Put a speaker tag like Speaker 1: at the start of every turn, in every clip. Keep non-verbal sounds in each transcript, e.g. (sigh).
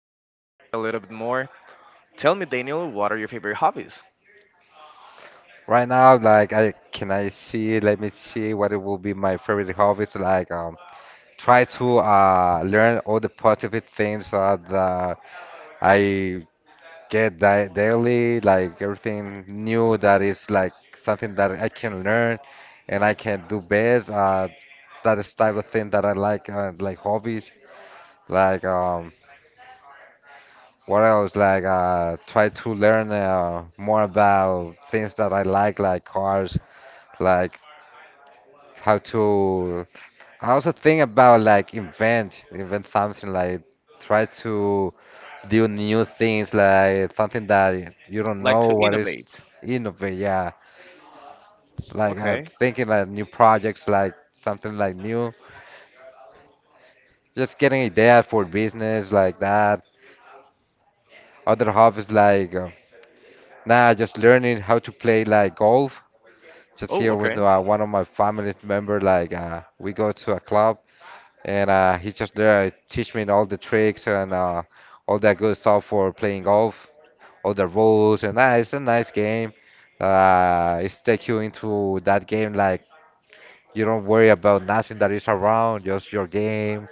Speaker 1: know each other a little bit more. Tell me, Daniel, what are your favorite hobbies?
Speaker 2: Right now, like I see? Let me see what it will be my favorite hobbies. Like try to learn all the positive things that I get di daily like everything new that is like something that I can learn and I can do best. That is type of thing that I like hobbies. Like what else? Like try to learn more about things that I like cars, like how to. I also think about like invent something like try to do new things like something that you don't
Speaker 1: Like, to
Speaker 2: know what is
Speaker 1: innovate.
Speaker 2: innovate, yeah, like
Speaker 1: Okay.
Speaker 2: thinking like new projects, like something like new, just getting ideas for business like that. Other hobbies like nah, just learning how to play like golf. Just
Speaker 1: Oh,
Speaker 2: here
Speaker 1: okay.
Speaker 2: with one of my family member, like we go to a club and he just there teach me all the tricks and all that good stuff for playing golf, all the rules and it's a nice game. It's take you into that game like you don't worry about nothing that is around, just your game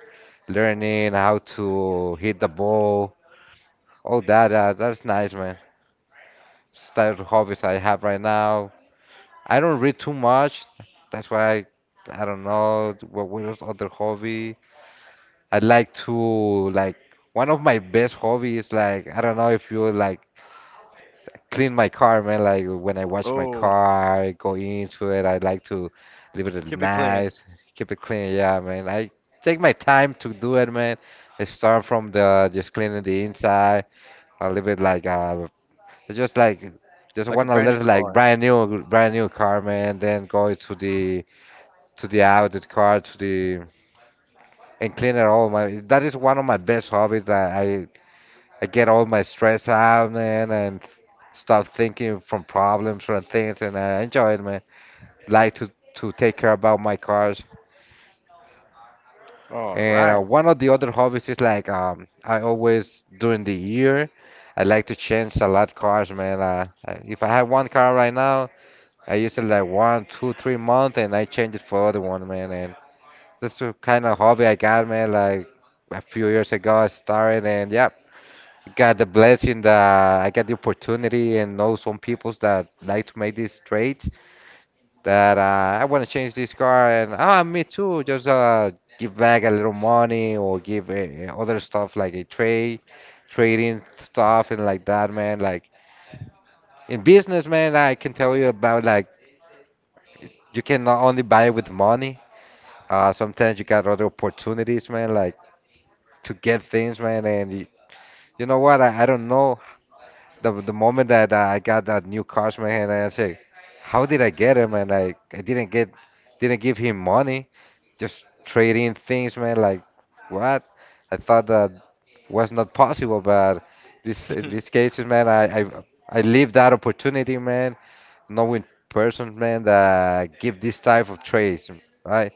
Speaker 2: learning how to hit the ball, all that. That's nice, man. It's type of hobbies I have right now. I don't read too much. That's why I don't know what was other hobby. I like to like one of my best hobbies. Like I don't know if you like clean my car, man. Like when I wash my
Speaker 1: Oh,
Speaker 2: car, I go into it. I like to leave it
Speaker 1: keep it clean.
Speaker 2: nice, keep it clean. Yeah, man. I take my time to do it, man. I start from the just cleaning the inside, a little bit like it's just like just
Speaker 1: Like a
Speaker 2: want a
Speaker 1: brand new
Speaker 2: little like
Speaker 1: car.
Speaker 2: brand new car, man, then go to the outlet car to the and clean it all my that is one of my best hobbies that I get all my stress out, man, and stop thinking from problems from things and I enjoy it, man, like to take care about my cars.
Speaker 1: All
Speaker 2: And
Speaker 1: right.
Speaker 2: one of the other hobbies is like I always during the year I like to change a lot cars, man, if I have one car right now I used it like one, two, 3 months, and I changed it for other one, man. And this the kind of hobby I got, man. Like a few years ago, I started, and yeah, got the blessing that I got the opportunity, and know some peoples that like to make these trades. That I want to change this car, and me too. Just give back a little money or give other stuff like a trade, trading stuff, and like that, man. Like in business, man, I can tell you about like you cannot only buy with money. Sometimes you got other opportunities, man, like to get things, man. And you know what? I don't know. The moment that I got that new cars, man, and I say, how did I get him? And like I didn't give him money. Just trading things, man. Like what? I thought that was not possible, but this in these
Speaker 1: (laughs)
Speaker 2: cases, man, I leave that opportunity, man. Knowing persons, man, that give this type of trades, right?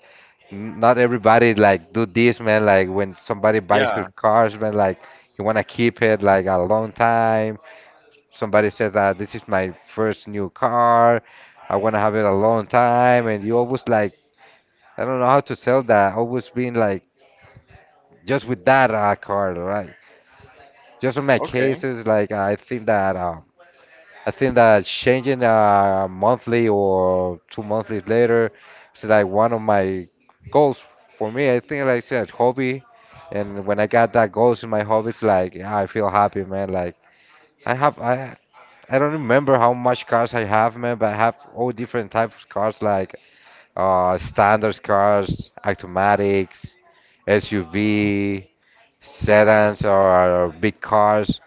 Speaker 2: Not everybody like do this, man. Like when somebody buys
Speaker 1: Yeah,
Speaker 2: her cars, man, like you wanna keep it like a long time. Somebody says, this is my first new car. I wanna have it a long time, and you always like I don't know how to sell that. Always being like just with that car, right? Just in my
Speaker 1: okay,
Speaker 2: cases, like I think that changing monthly or two monthly later is like one of my goals for me. I think, like I said, hobby. And when I got that goals in my hobbies, like yeah, I feel happy, man. Like I have, I don't remember how much cars I have, man, but I have all different types of cars, like standard cars, automatics, SUV, sedans, or big cars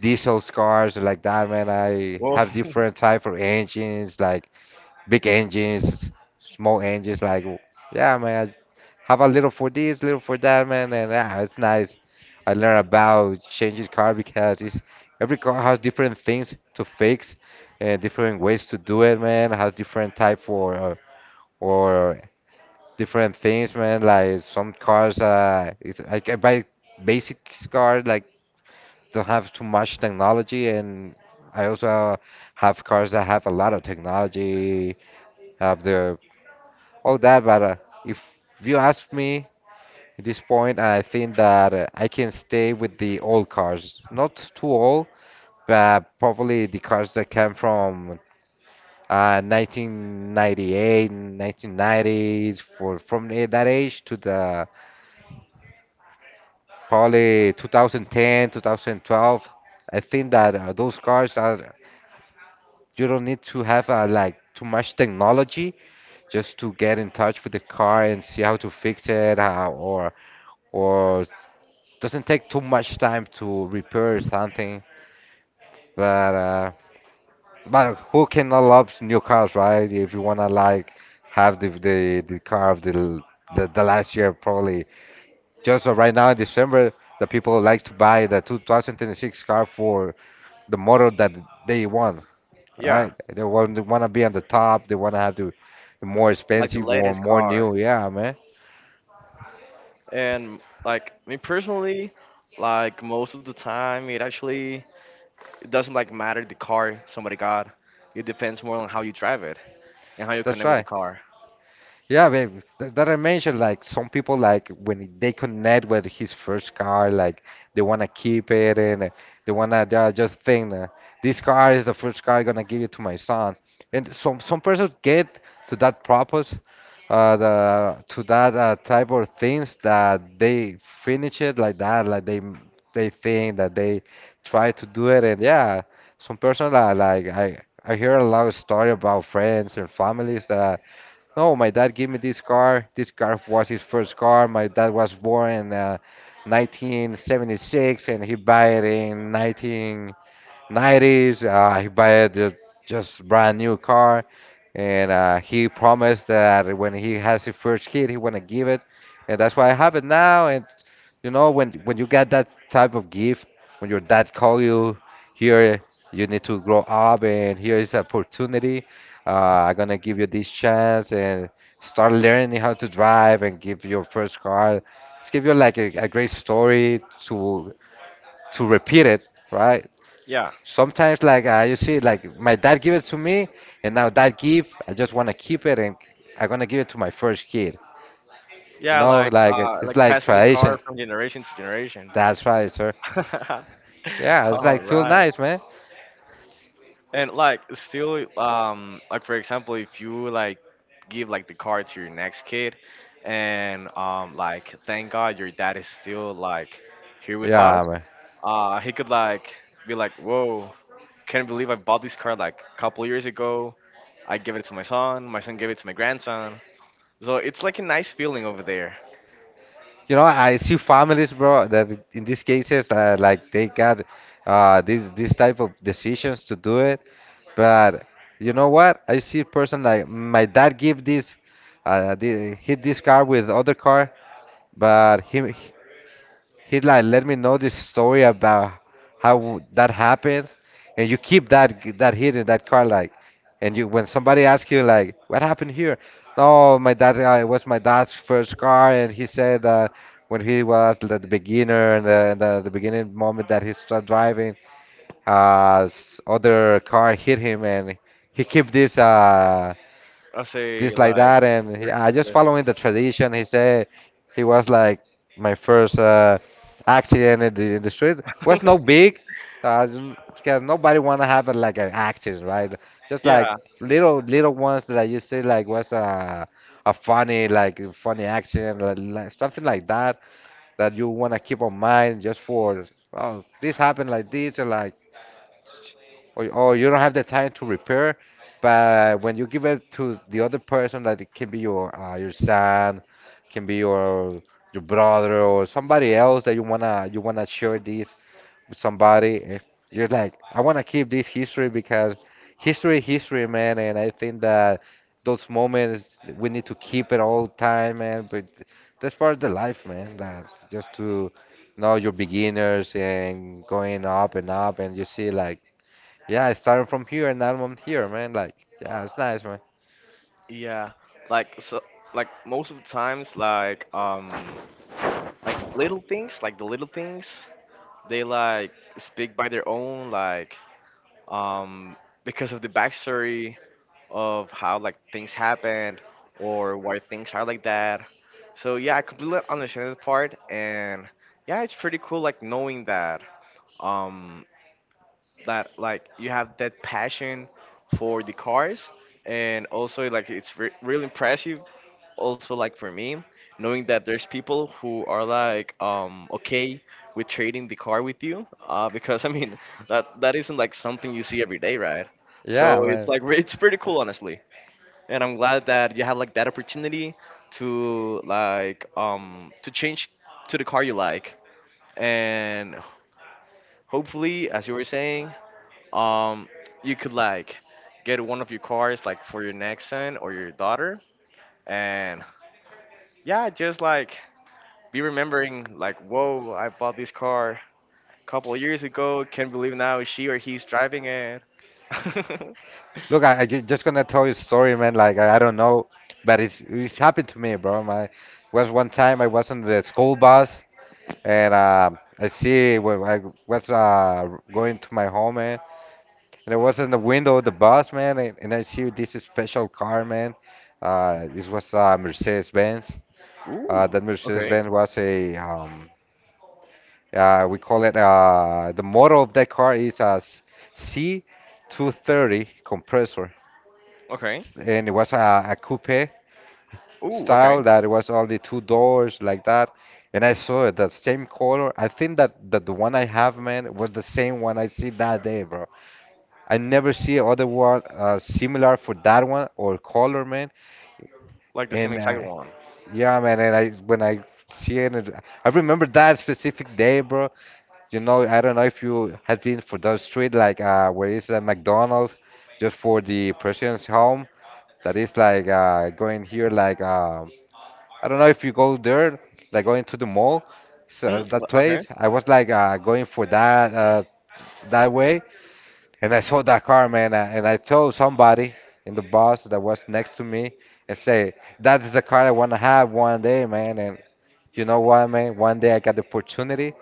Speaker 2: diesel cars like that, man. I
Speaker 1: well.
Speaker 2: have different type of engines, like big engines, small engines. Like, yeah, man. I have a little for this, little for that, man. And yeah, it's nice. I learn about changing car because it's, every car has different things to fix and different ways to do it, man. Has different type for or different things, man. Like some cars, it's, like I can buy basic car, like don't have too much technology, and I also have cars that have a lot of technology, have the all that. But if you ask me at this point, I think that I can stay with the old cars, not too old, but probably the cars that came from 1998, 1990s, for from that age to the probably 2010, 2012. I think that those cars are. You don't need to have like too much technology just to get in touch with the car and see how to fix it, how, or or doesn't take too much time to repair something. But uh, but who cannot love new cars, right? If you wanna like have the car of the, l- the last year, probably just right now in December, the people like to buy the 2026 car for the model that they want.
Speaker 1: (laughs) Yeah.
Speaker 2: Right? They want to be on the top. They want to have the more
Speaker 1: Like the
Speaker 2: expensive one,
Speaker 1: latest
Speaker 2: more
Speaker 1: car.
Speaker 2: new. Yeah, man,
Speaker 1: And like me personally, like most of the time, it actually, it doesn't like matter the car somebody got. It depends more on how you drive it and how you
Speaker 2: that's
Speaker 1: connect with
Speaker 2: right.
Speaker 1: the car.
Speaker 2: Yeah, man, that I mentioned, like some people like when they connect with his first car, like they want to keep it and they want to they are just think this car is the first car I'm gonna give it to my son. And some persons get to that purpose, to that type of things that they finish it like that, like they think that they try to do it, and yeah, some person like I hear a lot of story about friends and families that no, my dad gave me this car. This car was his first car. My dad was born in 1976, and he died in 19. 90s. He buy the just brand new car, and he promised that when he has his first kid, he wanna give it, and that's why I have it now. And you know, when you get that type of gift, when your dad call you, here you need to grow up, and here is opportunity. I'm gonna give you this chance and start learning how to drive and give your first car. It's give you like a great story to repeat it, right?
Speaker 1: Yeah,
Speaker 2: Sometimes like you see like my dad give it to me and now that gift I just want to keep it and I'm gonna give it to my first kid. You
Speaker 1: yeah,
Speaker 2: know
Speaker 1: like
Speaker 2: like
Speaker 1: uh,
Speaker 2: it's
Speaker 1: like
Speaker 2: like
Speaker 1: passing the
Speaker 2: tradition.
Speaker 1: car from generation to generation.
Speaker 2: That's right, sir. Yeah,
Speaker 1: (laughs)
Speaker 2: it's
Speaker 1: All
Speaker 2: like feel
Speaker 1: right,
Speaker 2: nice, man.
Speaker 1: and like still, like, for example, if you like give like the car to your next kid, and like, thank God your dad is still like here with
Speaker 2: Yeah,
Speaker 1: us.
Speaker 2: man.
Speaker 1: He could like be like, "Whoa, can't believe I bought this car like a couple years ago. I gave it to my son. My son gave it to my grandson." So it's like a nice feeling over there.
Speaker 2: You know I see families, bro, that in these cases like they got these type of decisions to do it, but you know what I see a person like my dad give this hit this car with other car, but he. He like let me know this story about how that happened, and you keep that hidden that card like, and you when somebody asks you like what happened here, no, my dad, it was my dad's first car, and he said that when he was the beginner and the beginning moment that he started driving, other car hit him and he keep this
Speaker 1: I say
Speaker 2: this like
Speaker 1: like,
Speaker 2: that, and I just following the tradition. He said he was like my first accident in the street, was no
Speaker 1: (laughs)
Speaker 2: big, uh, because nobody want to have like an accident, right? Just like
Speaker 1: yeah,
Speaker 2: little ones that you see like was a a funny accident like something like that that you want to keep on mind just for oh this happened like this or like or you don't have the time to repair. But when you give it to the other person that it can be your son, can be your brother or somebody else, that you wanna share this with somebody, you're like I wanna keep this history because history man. And I think that those moments we need to keep it all time, man. But that's part of the life, man. That just to know your beginners and going up and up, and you see like yeah, I started from here and now I'm here, man. Like, yeah, it's nice, man.
Speaker 1: yeah. Like so, like most of the times, like little things, like the little things, they like speak by their own, like um, because of the backstory of how like things happened, or why things are like that. So yeah, I completely understand that part, and yeah, it's pretty cool like knowing that. Um, that like you have that passion for the cars, and also like it's really impressive, also like for me knowing that there's people who are like okay with trading the car with you, because (laughs) I mean that that isn't like something you see every day, right?
Speaker 2: Yeah,
Speaker 1: So it's
Speaker 2: man.
Speaker 1: like it's pretty cool, honestly, and I'm glad that you had like that opportunity to like to change to the car you like, and hopefully, as you were saying, um, you could like get one of your cars like for your next son or your daughter, and yeah, just like be remembering like, whoa, I bought this car a couple of years ago. Can't believe now she or he's driving it. (laughs)
Speaker 2: Look, I just gonna tell you a story, man. Like, I don't know, but it's happened to me, bro. My was one time I was on the school bus, and I see when I was going to my home, man, and I was in the window of the bus, man, and, I see this special car, man. This was Mercedes-Benz.
Speaker 1: Ooh,
Speaker 2: That
Speaker 1: okay,
Speaker 2: Mercedes-Benz was a we call it the model of that car is a C230 compressor,
Speaker 1: okay.
Speaker 2: and it was a coupe
Speaker 1: Ooh, okay.
Speaker 2: style that it was only two doors like that. And I saw it the same color. I think that, the one I have, man, was the same one I see that day, bro. I never see other one similar for that one or color, man.
Speaker 1: Like the same
Speaker 2: And
Speaker 1: exact one.
Speaker 2: yeah, man. And I when I see it, I remember that specific day, bro. You know, I don't know if you have been for that street, like where is a McDonald's, just for the president's home. That is like going here, like I don't know if you go there, like going to the mall, so
Speaker 1: Hmm,
Speaker 2: that
Speaker 1: okay.
Speaker 2: place. I was like going for that that way, and I saw that car, man, and I told somebody in the bus that was next to me and say, "That is the car I want to have one day, man." And you know what, man? One day I got the opportunity,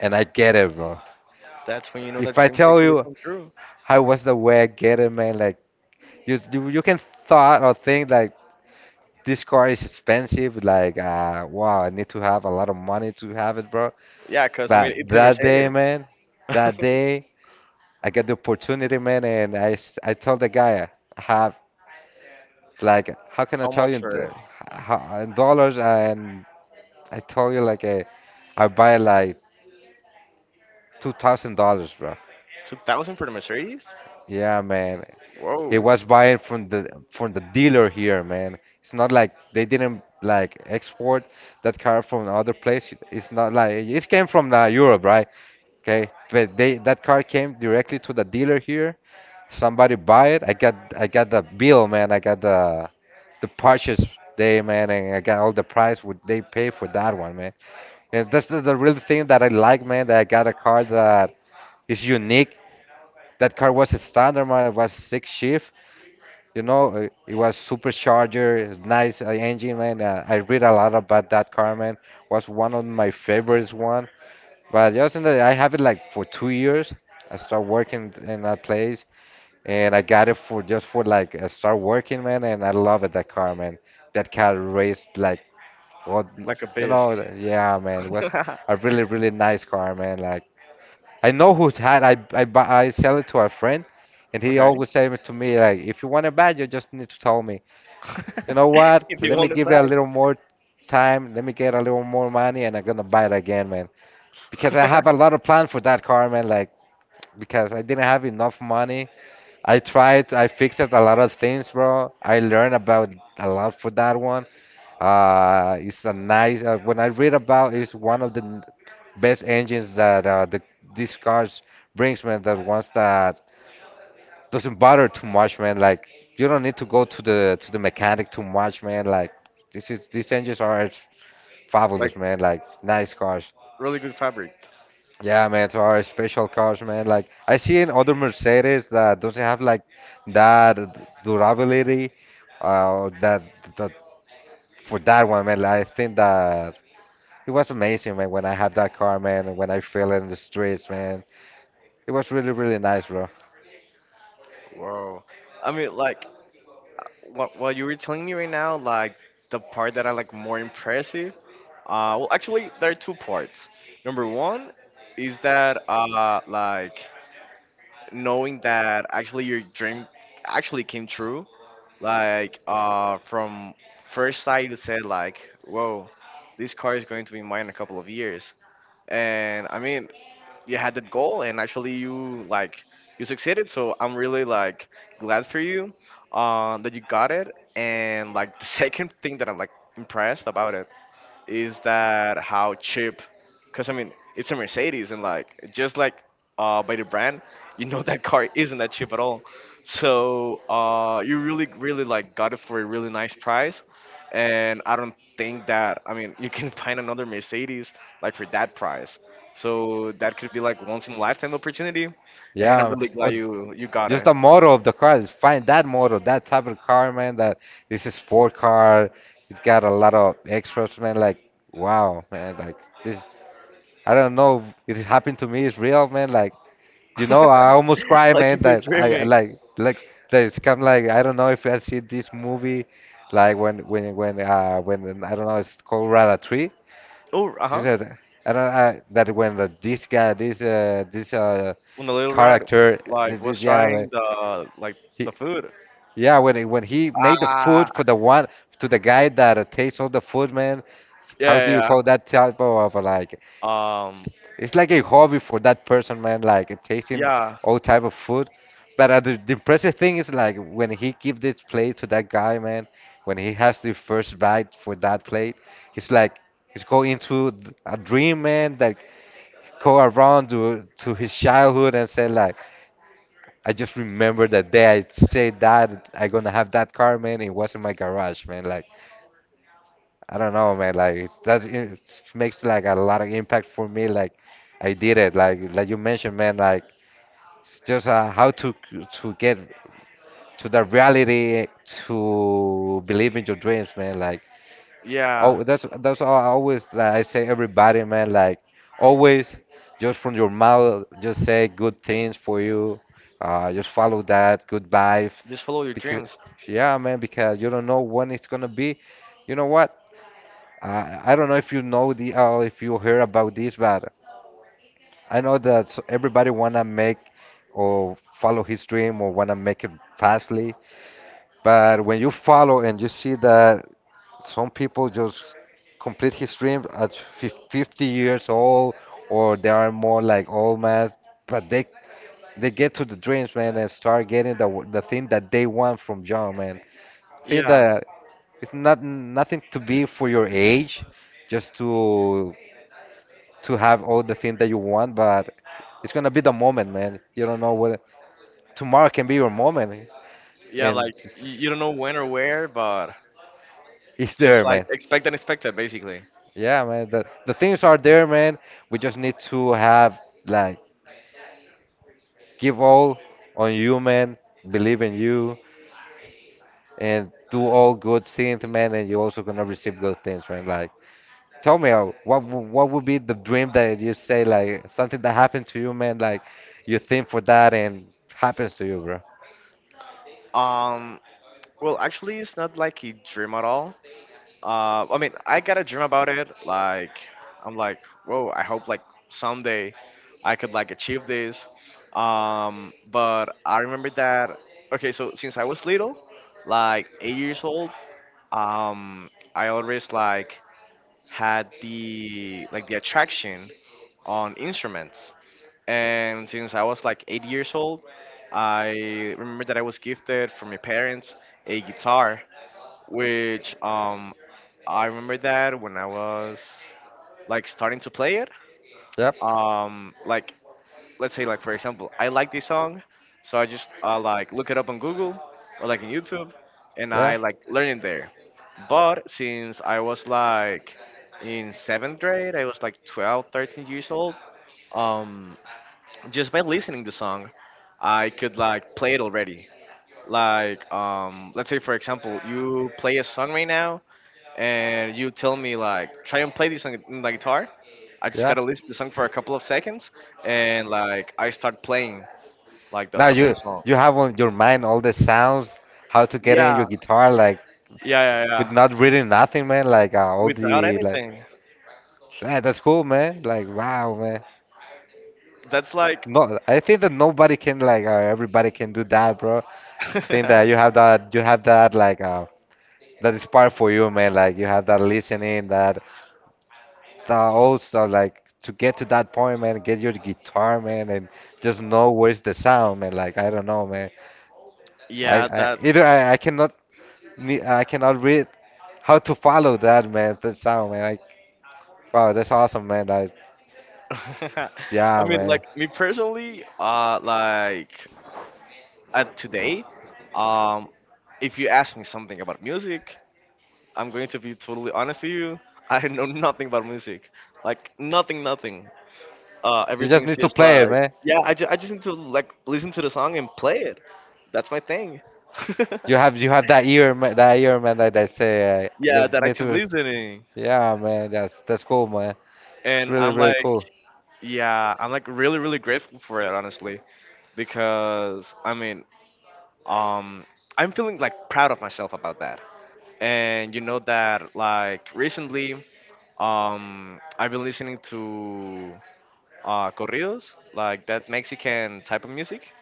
Speaker 2: and I get it, bro.
Speaker 1: That's when you know that
Speaker 2: If I
Speaker 1: dreams
Speaker 2: tell
Speaker 1: actually
Speaker 2: you
Speaker 1: come true.
Speaker 2: how was the way I get it, man? Like you can thought or think like this car is expensive, like wow, I need to have a lot of money to have it, bro.
Speaker 1: Yeah, cause I
Speaker 2: But
Speaker 1: mean it's a
Speaker 2: that day,
Speaker 1: Mercedes.
Speaker 2: man,
Speaker 1: (laughs) How
Speaker 2: that day I got the opportunity, man, and I told the guy I have like how can I tell
Speaker 1: much
Speaker 2: you in,
Speaker 1: for
Speaker 2: the,
Speaker 1: it?
Speaker 2: how, in dollars, and I told you like I buy like $2,000, bro.
Speaker 1: 2,000 for the Mercedes?
Speaker 2: Yeah, man. He
Speaker 1: Whoa,
Speaker 2: was buying from the dealer here, man. It's not like they didn't like export that car from other place. It's not like it came from Europe, right? Okay, but they that car came directly to the dealer here. Somebody buy it. I got the bill, man. I got the purchase day, man, and I got all the price what they pay for that one, man. And that's the real thing that I like, man. That I got a car that is unique. That car was a standard, man. It was six shift, you know, it was supercharger, it's nice engine, man. I read a lot about that car, man. Was one of my favorites one. But just in the, I have it like for 2 years. I start working in that place, and I got it for just for like I start working, man. And I love it that car, man. That car raced like, what,
Speaker 1: like a
Speaker 2: you
Speaker 1: beast.
Speaker 2: know, yeah, man. It was
Speaker 1: (laughs)
Speaker 2: a really nice car, man. Like I know who's had. I buy, I sell it to a friend, and he
Speaker 1: Okay.
Speaker 2: always say to me like, if you want to buy, you just need to tell me. You know
Speaker 1: (laughs) If
Speaker 2: what?
Speaker 1: you
Speaker 2: Let me
Speaker 1: want it
Speaker 2: give it a little more time. Let me get a little more money, and I'm gonna buy it again, man. Because I
Speaker 1: back.
Speaker 2: have a
Speaker 1: (laughs)
Speaker 2: lot of plans for that car, man. Like because I didn't have enough money. I tried. I fixed a lot of things, bro. I learned about a lot for that one. It's a nice. When I read about, it's one of the best engines that the these cars brings, man. That ones that doesn't bother too much, man. Like you don't need to go to the mechanic too much, man. Like this is these engines are
Speaker 1: Like
Speaker 2: fabulous, man. Like nice cars.
Speaker 1: really good fabric.
Speaker 2: Yeah, man. So our special cars, man. Like I see in other Mercedes that doesn't have like that durability, or that for that one, man. Like, I think that it was amazing, man. When I had that car, man, and when I fell in the streets, man, it was really nice, bro.
Speaker 1: Wow. I mean, like what you were telling me right now, like the part that I like more impressive. Well, actually, there are two parts. Number one is that, like, knowing that actually your dream actually came true. Like, from first sight, you said like, "Whoa, this car is going to be mine in a couple of years." And I mean, you had that goal, and actually you succeeded, so I'm really like glad for you, that you got it, and like (laughs) the second thing that I'm like impressed about it is that how cheap, because I mean it's a Mercedes, and like just like by the brand, (laughs) that car isn't that cheap at all, so you really really like got it for a really nice price. And I don't think that, I mean, you can (laughs) find another Mercedes like for that price, so that could be like once in a lifetime opportunity, and
Speaker 2: Yeah.
Speaker 1: I'm really
Speaker 2: Oh,
Speaker 1: glad you got
Speaker 2: just
Speaker 1: it.
Speaker 2: the model of the car is find that model, that type of car, man. That it's a sport car. It's got a lot of extras, man. Like wow, man. Like this, I don't know. It happened to me. It's real, man. Like you know, I
Speaker 1: (laughs)
Speaker 2: almost cry,
Speaker 1: Like,
Speaker 2: man.
Speaker 1: if you're
Speaker 2: That I
Speaker 1: dreaming.
Speaker 2: like that it's come like I don't know if I see this movie, like when I don't know it's called Ratatouille.
Speaker 1: Oh,
Speaker 2: She
Speaker 1: uh-huh.
Speaker 2: said, I don't I, that when the, this guy this
Speaker 1: When the little red
Speaker 2: character this
Speaker 1: like was
Speaker 2: this yeah man,
Speaker 1: trying the like
Speaker 2: he.
Speaker 1: food.
Speaker 2: Yeah, when he made the
Speaker 1: Ah,
Speaker 2: food for the one to the guy that tastes all the food, man. How do
Speaker 1: yeah,
Speaker 2: you call
Speaker 1: yeah.
Speaker 2: that type of like?
Speaker 1: Yeah.
Speaker 2: It's like a hobby for that person, man. Like tasting
Speaker 1: Yeah,
Speaker 2: all type of food. But the impressive thing is like when he give this plate to that guy, man. When he has the first bite for that plate, he's like he's going into a dream, man. That go around to his childhood and say like. I just remember that day I said that I gonna have that car, man. It was in my garage, man. Like I don't know, man. Like it does. It makes like a lot of impact for me. Like I did it. Like you mentioned, man. Like it's just how to get to the reality, to believe in your dreams, man. Like
Speaker 1: yeah.
Speaker 2: oh, that's all I always like I say everybody, man. Like always, just from your mouth, just say good things for you. Just follow that good vibe,
Speaker 1: Just follow your
Speaker 2: because
Speaker 1: dreams.
Speaker 2: yeah, man. Because you don't know when it's gonna be. You know what? I don't know if you know the if you heard about this, but I know that everybody wanna make or follow his dream or wanna make it fastly. But when you follow and you see that some people just complete his dream at 50 years old, or they are more like old man, but they get to the dreams, man, and start getting the the thing that they want from young, man. Think
Speaker 1: Yeah,
Speaker 2: that it's not nothing to be for your age, just to have all the thing that you want, but it's gonna be the moment, man. You don't know what tomorrow can be your moment,
Speaker 1: yeah.
Speaker 2: and
Speaker 1: Like you don't know when or where, but
Speaker 2: it's
Speaker 1: just
Speaker 2: there,
Speaker 1: like
Speaker 2: man.
Speaker 1: expect unexpected, basically.
Speaker 2: Yeah, man. The things are there, man. We just need to have like give all on you, man. Believe in you and do all good things, man. And you're also gonna receive good things, man. Like, tell me, what what would be the dream that you say like something that happened to you, man? Like, you think for that and happens to you, bro.
Speaker 1: Um, well, actually, it's not like a dream at all. I mean, I got a dream about it. Like, I'm like, whoa. I hope like someday I could like achieve this. But I remember that. Okay, so since I was little, like 8 years old. um, I always like had the attraction on instruments. And since I was like 8 years old, I remember that I was gifted from my parents a guitar, which, I remember that when I was like starting to play it.
Speaker 2: Yep.
Speaker 1: Like, let's say, like, for example, I like this song, so I just like look it up on Google or like in YouTube, and
Speaker 2: Yeah.
Speaker 1: I like learn it there, but since I was like in seventh grade, I was like 12 13 years old, um just by listening the song, I could like play it already. Like, let's say, for example, you play a song right now and you tell me, like, try and play this on the guitar. I just
Speaker 2: Yeah.
Speaker 1: gotta listen to the song for a couple of seconds, and like I start playing like the,
Speaker 2: Now
Speaker 1: the full
Speaker 2: you
Speaker 1: song.
Speaker 2: have on your mind all the sounds, how to get in
Speaker 1: Yeah,
Speaker 2: your guitar, like
Speaker 1: yeah, yeah,
Speaker 2: with
Speaker 1: yeah.
Speaker 2: not reading nothing, man. Like all
Speaker 1: Without
Speaker 2: the like.
Speaker 1: anything.
Speaker 2: Yeah, that's cool, man. Like, wow, man.
Speaker 1: That's like,
Speaker 2: No, I think that nobody can like everybody can do that, bro. Think that you
Speaker 1: (laughs)
Speaker 2: have that like that is part for you, man. Like you have that listening, that that also like to get to that point, man. Get your guitar, man, and just know where's the sound, man. Like I don't know, man. I,
Speaker 1: yeah,
Speaker 2: I
Speaker 1: that.
Speaker 2: either I cannot I cannot read how to follow that, man. That sound, man. Like wow, that's awesome, man. That is,
Speaker 1: (laughs) I
Speaker 2: yeah,
Speaker 1: mean,
Speaker 2: man.
Speaker 1: like me personally, like, at today, um, if you ask me something about music, I'm going to be totally honest to you. (laughs) I know nothing about music, like nothing, nothing.
Speaker 2: You just
Speaker 1: Everything's
Speaker 2: need to
Speaker 1: just
Speaker 2: play it,
Speaker 1: like,
Speaker 2: man.
Speaker 1: yeah, I just need to like listen to the song and play it. That's my thing. (laughs)
Speaker 2: You have that ear man, that ear man that that say
Speaker 1: Yeah,
Speaker 2: just
Speaker 1: that
Speaker 2: need
Speaker 1: active
Speaker 2: to
Speaker 1: listening.
Speaker 2: yeah man that's cool man it's
Speaker 1: And
Speaker 2: really
Speaker 1: I'm
Speaker 2: really
Speaker 1: like,
Speaker 2: cool.
Speaker 1: yeah, I'm like really, really grateful for it, honestly, because I mean, um, I'm feeling like proud of myself about that. And you know that, like, recently, I've been listening to corridos, like that Mexican type of music,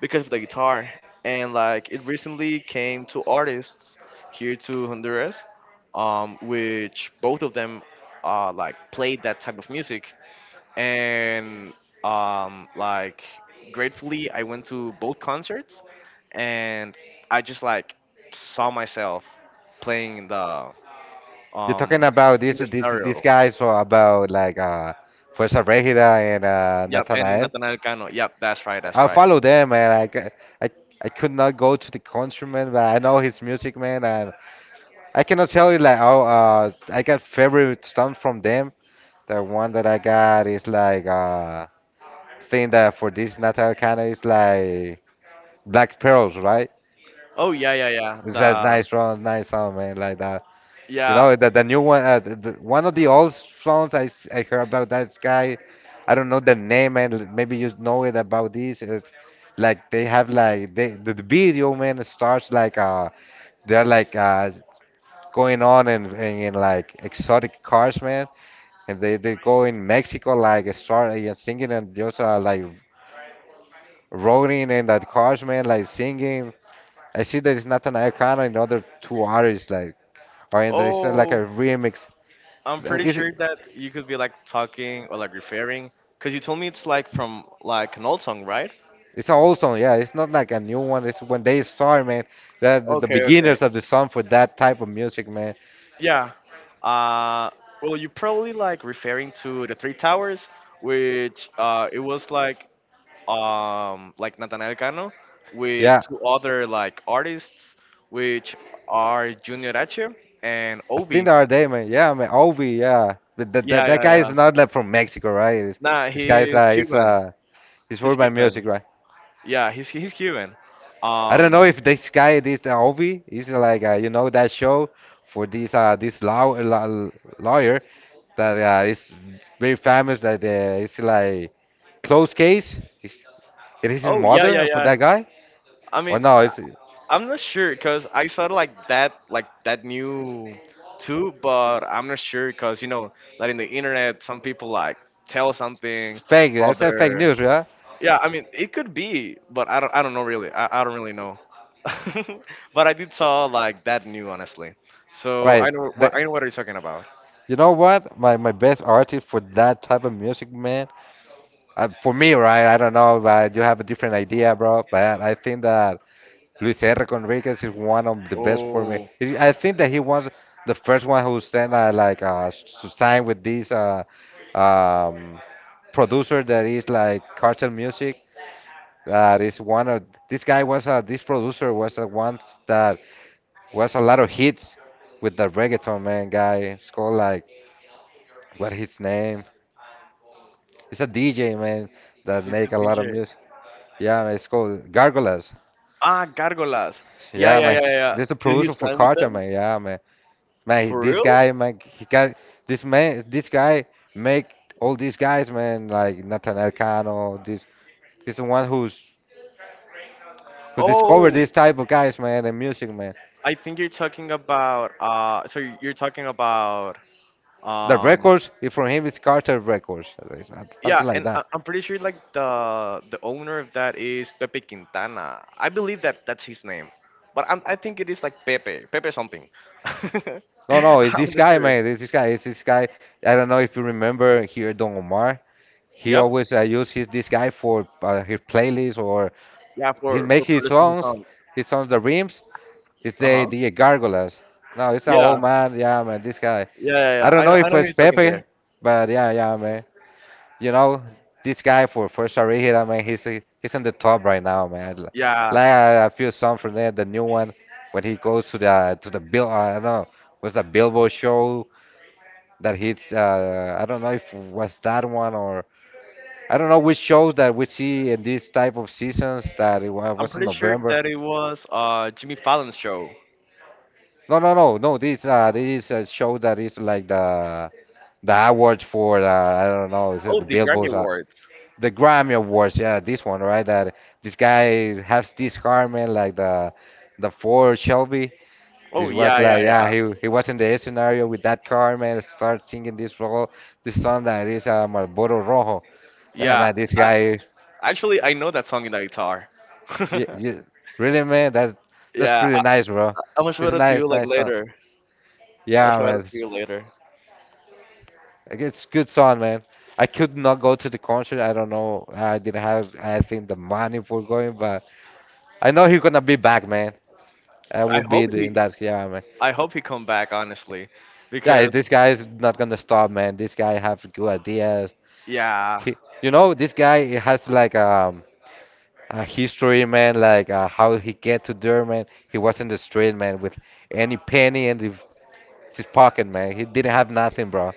Speaker 1: because of the guitar, and like it recently came to artists here to Honduras, which both of them, like played that type of music, and like, gratefully, I went to both concerts, and I just like saw myself playing in
Speaker 2: You're talking
Speaker 1: um
Speaker 2: about these
Speaker 1: the
Speaker 2: these
Speaker 1: scenario.
Speaker 2: these guys for about like Fuerza Regida and
Speaker 1: Yep, and
Speaker 2: Nathanael.
Speaker 1: Nathanael Cano. Yep, that's right, that's
Speaker 2: I
Speaker 1: right.
Speaker 2: follow them man like I I could not go to the concert man but I know his music man and I cannot tell you like oh I got favorite songs from them. The one that I got is like thing that for this Nathanael kind of is like Black Pearls, right?
Speaker 1: Oh, yeah, yeah, yeah.
Speaker 2: It's like
Speaker 1: The
Speaker 2: nice song, man, like that. You
Speaker 1: yeah.
Speaker 2: know, the new one, one of the old songs I heard about that guy. I don't know the name, and maybe you know it about this. It's like they have like the video, man, starts like they're like going on in like exotic cars, man, and they go in Mexico like start like, singing and just like rolling in that cars, man, like singing. I see that it's not an icon, another two artists like. Or and it's like a
Speaker 1: Oh,
Speaker 2: remix.
Speaker 1: I'm pretty
Speaker 2: It's uh,
Speaker 1: sure that you could be like talking, or like referring, cause you told me it's like from like an old song, right?
Speaker 2: It's an old song, yeah. It's not like a new one. It's when they start, man. That the
Speaker 1: Okay, okay.
Speaker 2: beginners of the song for that type of music, man.
Speaker 1: Yeah. Uh, well, you probably like referring to the Three Towers, which, it was like Nathaniel Cano with
Speaker 2: Yeah,
Speaker 1: two other like artists, which are Junior H and
Speaker 2: I think
Speaker 1: Obi.
Speaker 2: the other day, man. Yeah, man. Ovi, yeah. That that that
Speaker 1: Yeah,
Speaker 2: that
Speaker 1: yeah,
Speaker 2: guy
Speaker 1: yeah.
Speaker 2: is not like from Mexico, right? It's,
Speaker 1: Nah,
Speaker 2: this guy is
Speaker 1: he's Cuban.
Speaker 2: he's
Speaker 1: He's
Speaker 2: worried by
Speaker 1: Cuban.
Speaker 2: music, right?
Speaker 1: Yeah, he's Cuban.
Speaker 2: I don't know
Speaker 1: Um.
Speaker 2: if this guy, this Ovi, is you know that show for this lawyer that is very famous that it's like close case. It is his
Speaker 1: Oh, yeah, yeah,
Speaker 2: mother for
Speaker 1: yeah.
Speaker 2: that guy?
Speaker 1: I
Speaker 2: Or
Speaker 1: mean,
Speaker 2: no, it's
Speaker 1: I'm not sure because I saw like that new too, but I'm not sure because like in the internet some people like tell something
Speaker 2: fake. I said fake
Speaker 1: other.
Speaker 2: news, yeah?
Speaker 1: Yeah, I mean it could be, but I don't know really. I don't really know. (laughs) But I did saw like that new honestly, so
Speaker 2: Right.
Speaker 1: I know
Speaker 2: The,
Speaker 1: what I know what you're talking about.
Speaker 2: you know what? My best artist for that type of music, man. For me, right? I don't know, but you have a different idea, bro. But I think that Luis R. Enriquez is one of the best for me.
Speaker 1: Oh,
Speaker 2: He- I think that he was the first one who sent to sign with this um, producer that is like cartel music. That is one of this guy was this producer was the ones that was a lot of hits with the reggaeton man guy. It's called like what his name? It's a DJ man that
Speaker 1: it's a
Speaker 2: make a lot
Speaker 1: DJ.
Speaker 2: of music. Yeah, man, it's called Gargolas.
Speaker 1: Ah, Gargolas. Yeah,
Speaker 2: Yeah,
Speaker 1: yeah,
Speaker 2: man.
Speaker 1: yeah, yeah. Yeah.
Speaker 2: This is the
Speaker 1: Did he
Speaker 2: producer for
Speaker 1: sign with
Speaker 2: Carter,
Speaker 1: them
Speaker 2: man. Yeah, man. Man,
Speaker 1: for
Speaker 2: this
Speaker 1: real?
Speaker 2: guy, man, he got this man. This guy make all these guys, man, like Nathaniel Cano. This he's the one who discovered
Speaker 1: Oh,
Speaker 2: this type of guys, man, and music, man.
Speaker 1: I think you're talking about so you're talking about
Speaker 2: The
Speaker 1: um
Speaker 2: records if from him is Carter Records,
Speaker 1: yeah,
Speaker 2: something like
Speaker 1: and
Speaker 2: that.
Speaker 1: I'm pretty sure like the owner of that is Pepe Quintana. I believe that that's his name. But I'm, I think it is like Pepe something. (laughs)
Speaker 2: No, it's
Speaker 1: I'm
Speaker 2: this
Speaker 1: not
Speaker 2: guy,
Speaker 1: sure.
Speaker 2: man. It's this guy. It's this guy. I don't know if you remember here, Don Omar. He
Speaker 1: Yep.
Speaker 2: always use his this guy for his playlist or
Speaker 1: Yeah,
Speaker 2: he
Speaker 1: for
Speaker 2: make
Speaker 1: for
Speaker 2: his
Speaker 1: producing his
Speaker 2: songs.
Speaker 1: songs.
Speaker 2: His songs, the rims. It's the
Speaker 1: Uh-huh.
Speaker 2: the gargoyles. No, it's an
Speaker 1: Yeah.
Speaker 2: old man. Yeah, man. This guy.
Speaker 1: Yeah, yeah,
Speaker 2: I
Speaker 1: yeah.
Speaker 2: don't know
Speaker 1: I
Speaker 2: if
Speaker 1: know who
Speaker 2: it's
Speaker 1: you're talking
Speaker 2: Pepe,
Speaker 1: there.
Speaker 2: but yeah, yeah, man. You know, this guy for Sharihira, man. He's on the top right now, man. L-
Speaker 1: Yeah.
Speaker 2: Like a few songs from there, the new one when he goes to the bill. I don't know. Was the Billboard show? That hits I don't know if was that one or I don't know which shows that we see in this type of seasons that it
Speaker 1: I'm
Speaker 2: was in
Speaker 1: pretty sure
Speaker 2: November.
Speaker 1: that it was Jimmy Fallon's show.
Speaker 2: No, no. This this is a show that is like the awards for the I don't know. Is it
Speaker 1: Oh,
Speaker 2: the
Speaker 1: the Grammy
Speaker 2: Billboards?
Speaker 1: Awards.
Speaker 2: The Grammy Awards. Yeah, this one, right? That this guy has this garment like the Ford Shelby.
Speaker 1: Oh,
Speaker 2: This was
Speaker 1: yeah, yeah,
Speaker 2: like yeah,
Speaker 1: yeah.
Speaker 2: he was in the scenario with that garment. Start singing this role, this song that is Marlboro Rojo. Yeah,
Speaker 1: Yeah,
Speaker 2: man, this guy.
Speaker 1: actually, I know that song in the guitar.
Speaker 2: You,
Speaker 1: (laughs)
Speaker 2: you, really, man? That's
Speaker 1: Yeah, I,
Speaker 2: pretty
Speaker 1: I-
Speaker 2: nice, bro.
Speaker 1: am gonna show
Speaker 2: It's a
Speaker 1: it to you
Speaker 2: nice,
Speaker 1: like
Speaker 2: nice song.
Speaker 1: later. I'll
Speaker 2: Yeah,
Speaker 1: show it
Speaker 2: man.
Speaker 1: to you later.
Speaker 2: It's good song, man. I could not go to the concert. I don't know. I didn't have, I think, the money for going, but I know he's gonna be back, man. I
Speaker 1: I
Speaker 2: will
Speaker 1: hope
Speaker 2: be the- in
Speaker 1: he,
Speaker 2: that. Yeah, man.
Speaker 1: I hope he come back, honestly,
Speaker 2: Yeah,
Speaker 1: because
Speaker 2: this guy is not gonna stop, man. This guy have good ideas.
Speaker 1: yeah,
Speaker 2: He, you know, this guy has like a history, man. Like how he get to there, man. He was in the street, man, with any penny and the checked his pocket, man. He didn't have nothing, bro.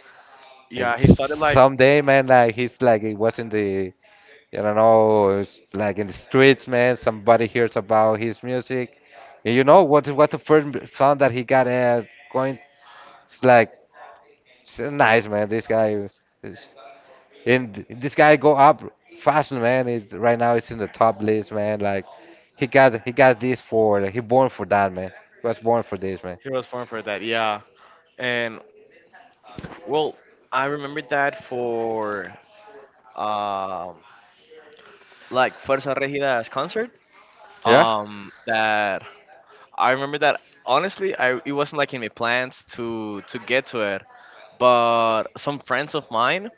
Speaker 2: And
Speaker 1: yeah, he started like,
Speaker 2: someday, man, like he's like it was in the, I don't know, it's like in the streets, man. Somebody hears about his music, and you know what? What the first sound that he got going? It's like it's nice, man. This guy, is, and this guy go up fast, man. Is right now it's in the top list, man. Like he got this for he born for that, man. He was born for this, man.
Speaker 1: he was born for that. Yeah, and well, I remember that for um like Fuerza Regida's concert.
Speaker 2: Yeah,
Speaker 1: That, I remember that honestly, I it wasn't like in my plans to get to it, but some friends of mine,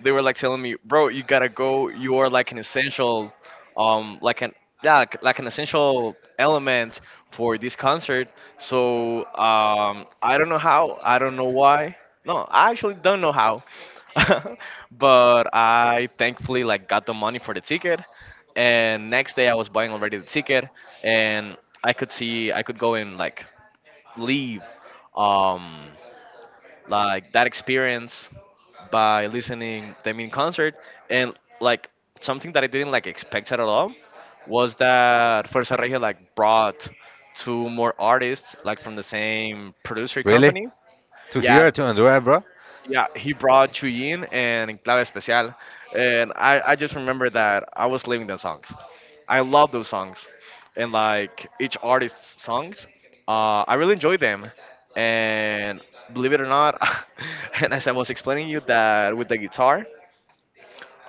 Speaker 1: they were like telling me, bro, you gotta go. You are like an essential, like an, yeah, like an essential element for this concert. So I don't know how, I don't know why. No, I actually don't know how. (laughs) But I thankfully like got the money for the ticket, and next day I was buying already the ticket, and I could see I could go and like leave um like that experience by listening them in concert. And like something that I didn't like expect at all was that Fuerza Regia like brought two more artists like from the same producer
Speaker 2: really?
Speaker 1: company.
Speaker 2: To
Speaker 1: Yeah,
Speaker 2: hear, to enjoy, bro?
Speaker 1: yeah, he brought Chuyin and Clave Especial, and I just remember that I was living the songs. I love those songs, and like each artist's songs, I really enjoy them. And believe it or not, (laughs) and as I was explaining you that with the guitar,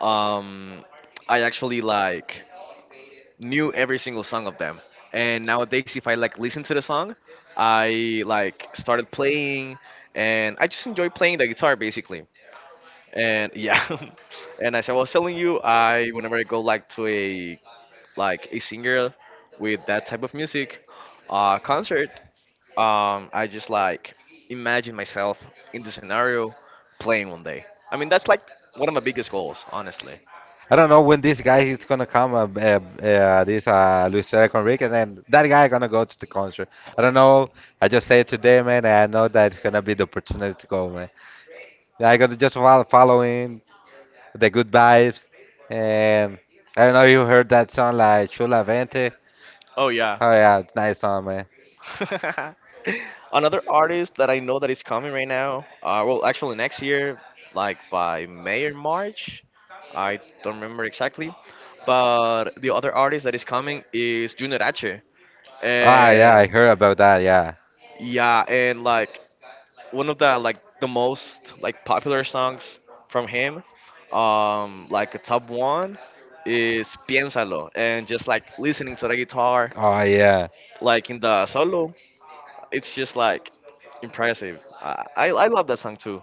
Speaker 1: um, I actually like knew every single song of them. And nowadays, if I like listen to the song, I like started playing, and I just enjoy playing the guitar basically. And yeah, (laughs) and as I was telling you, I whenever I go like to a like a singer with that type of music, uh, concert, I just like imagine myself in the scenario playing one day. I mean that's like one of my biggest goals, honestly.
Speaker 2: I don't know when this guy is gonna come. This Luis Enriquez and that guy gonna go to the concert. I don't know. I just say it today, man. And I know that it's gonna be the opportunity to go, man. I gotta just follow following the good vibes. And I don't know. You heard that song like Chula Vente?
Speaker 1: Oh yeah.
Speaker 2: Oh yeah, it's nice song, man.
Speaker 1: (laughs) Another artist that I know that is coming right now, well, actually next year, like by May or March, I don't remember exactly, but the other artist that is coming is Junior H.
Speaker 2: Ah yeah,
Speaker 1: And
Speaker 2: I heard about that. Yeah.
Speaker 1: yeah, and like one of the like the most like popular songs from him, like a top one is Piénsalo, and just like listening to the guitar,
Speaker 2: Oh yeah.
Speaker 1: like in the solo, it's just like impressive. I love that song too.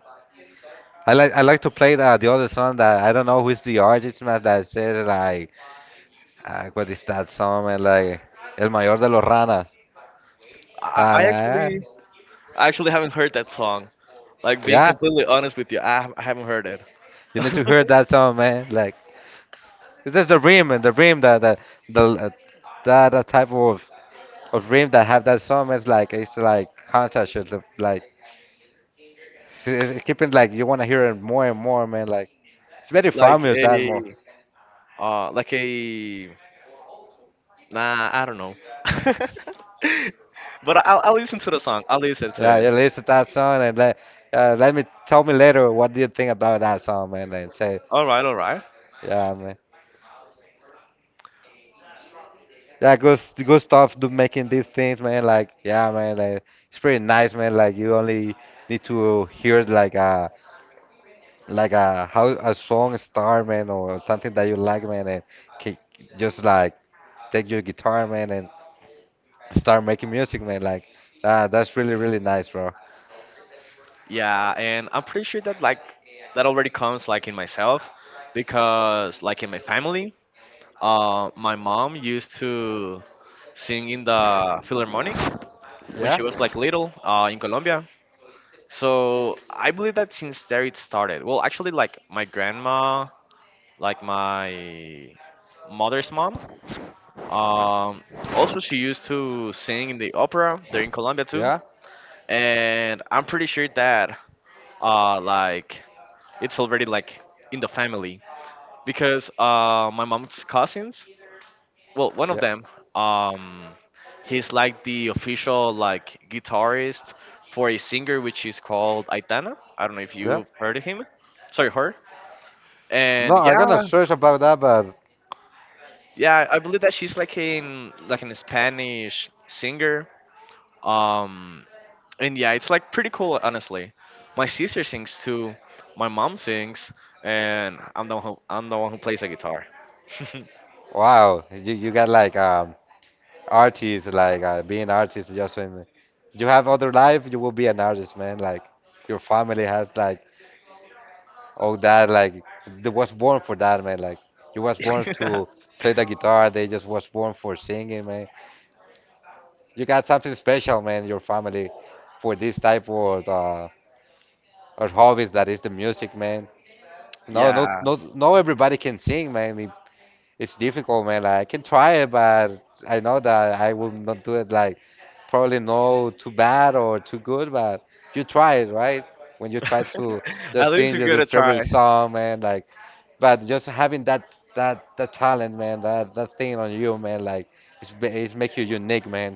Speaker 2: I like to play the other song that I don't know who's the artist, man. That says like. Ah, what is that song, man? Like, El Mayor de los Ranas.
Speaker 1: I,
Speaker 2: Ah,
Speaker 1: I
Speaker 2: man.
Speaker 1: actually I actually haven't heard that song. Like being
Speaker 2: Yeah,
Speaker 1: completely honest with you, I haven't heard it.
Speaker 2: you need to hear
Speaker 1: (laughs)
Speaker 2: that song, man. Like, this is the rim, and the rim the uh, that type of rim that have that song is like it's like contest, it's like it's keeping like you want to hear it more and more, man. Like, it's very
Speaker 1: like
Speaker 2: famous that more.
Speaker 1: a like a nah I don't know. (laughs) But I'll listen to the song. I'll listen to
Speaker 2: Yeah,
Speaker 1: it.
Speaker 2: you listen to that song and let let me tell me later what do you think about that song, man, and say,
Speaker 1: All right, all right.
Speaker 2: yeah, man. Yeah, goes good stuff do making these things, man. Like, yeah, man, like it's pretty nice, man. Like you only need to hear like a how a song star, man, or something that you like, man, and ca- just like take your guitar, man, and start making music, man. Like ah, that's really really nice, bro.
Speaker 1: Yeah, and I'm pretty sure that like that already comes like in myself, because like in my family, uh, my mom used to sing in the Philharmonic when
Speaker 2: Yeah,
Speaker 1: she was like little, in Colombia. So I believe that since there it started. Well, actually, like my grandma, like my mother's mom. Um, Also, she used to sing in the opera there in Colombia too.
Speaker 2: yeah,
Speaker 1: And I'm pretty sure that like it's already like in the family, because my mom's cousins, well, one of
Speaker 2: yeah,
Speaker 1: them, um he's like the official like guitarist for a singer which is called Aitana. I don't know if
Speaker 2: yeah.
Speaker 1: you've heard of him, sorry, her.
Speaker 2: No,
Speaker 1: And
Speaker 2: I'm
Speaker 1: yeah,
Speaker 2: gonna search about that, but
Speaker 1: yeah, I believe that she's like an Spanish singer, um and yeah, it's like pretty cool, honestly. My sister sings too, my mom sings, and I'm the one who, I'm the one who plays the guitar.
Speaker 2: wow, you got like artists like being artists just when you have other life you will be an artist man like your family has like all that like they was born for that man like you was born to
Speaker 1: (laughs)
Speaker 2: play the guitar they just was born for singing man you got something special man your family for this type of hobbies that is the music man no no
Speaker 1: Yeah.
Speaker 2: no no everybody can sing man. It's difficult, man. Like, I can try it, but I know that I will not do it like probably no too bad or too good, but you try it, right? When you try to
Speaker 1: (laughs)
Speaker 2: just
Speaker 1: At least
Speaker 2: sing
Speaker 1: we give it
Speaker 2: your
Speaker 1: a try.
Speaker 2: favorite song, man, like, but just having that that talent, man, that that thing on you, man, like, it's it's make you unique, man,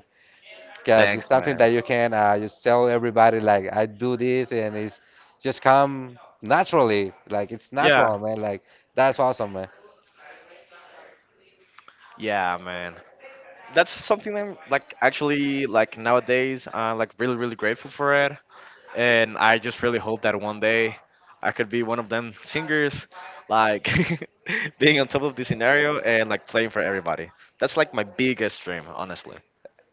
Speaker 2: because it's
Speaker 1: Thanks,
Speaker 2: something
Speaker 1: man.
Speaker 2: that you can just tell everybody like I do this, and it's just come naturally, like it's
Speaker 1: Yeah,
Speaker 2: natural, man, like that's awesome, man.
Speaker 1: yeah, man. That's something I'm like actually like nowadays I'm like really really grateful for it, and I just really hope that one day I could be one of them singers, like (laughs) being on top of the scenario and like playing for everybody. That's like my biggest dream, honestly.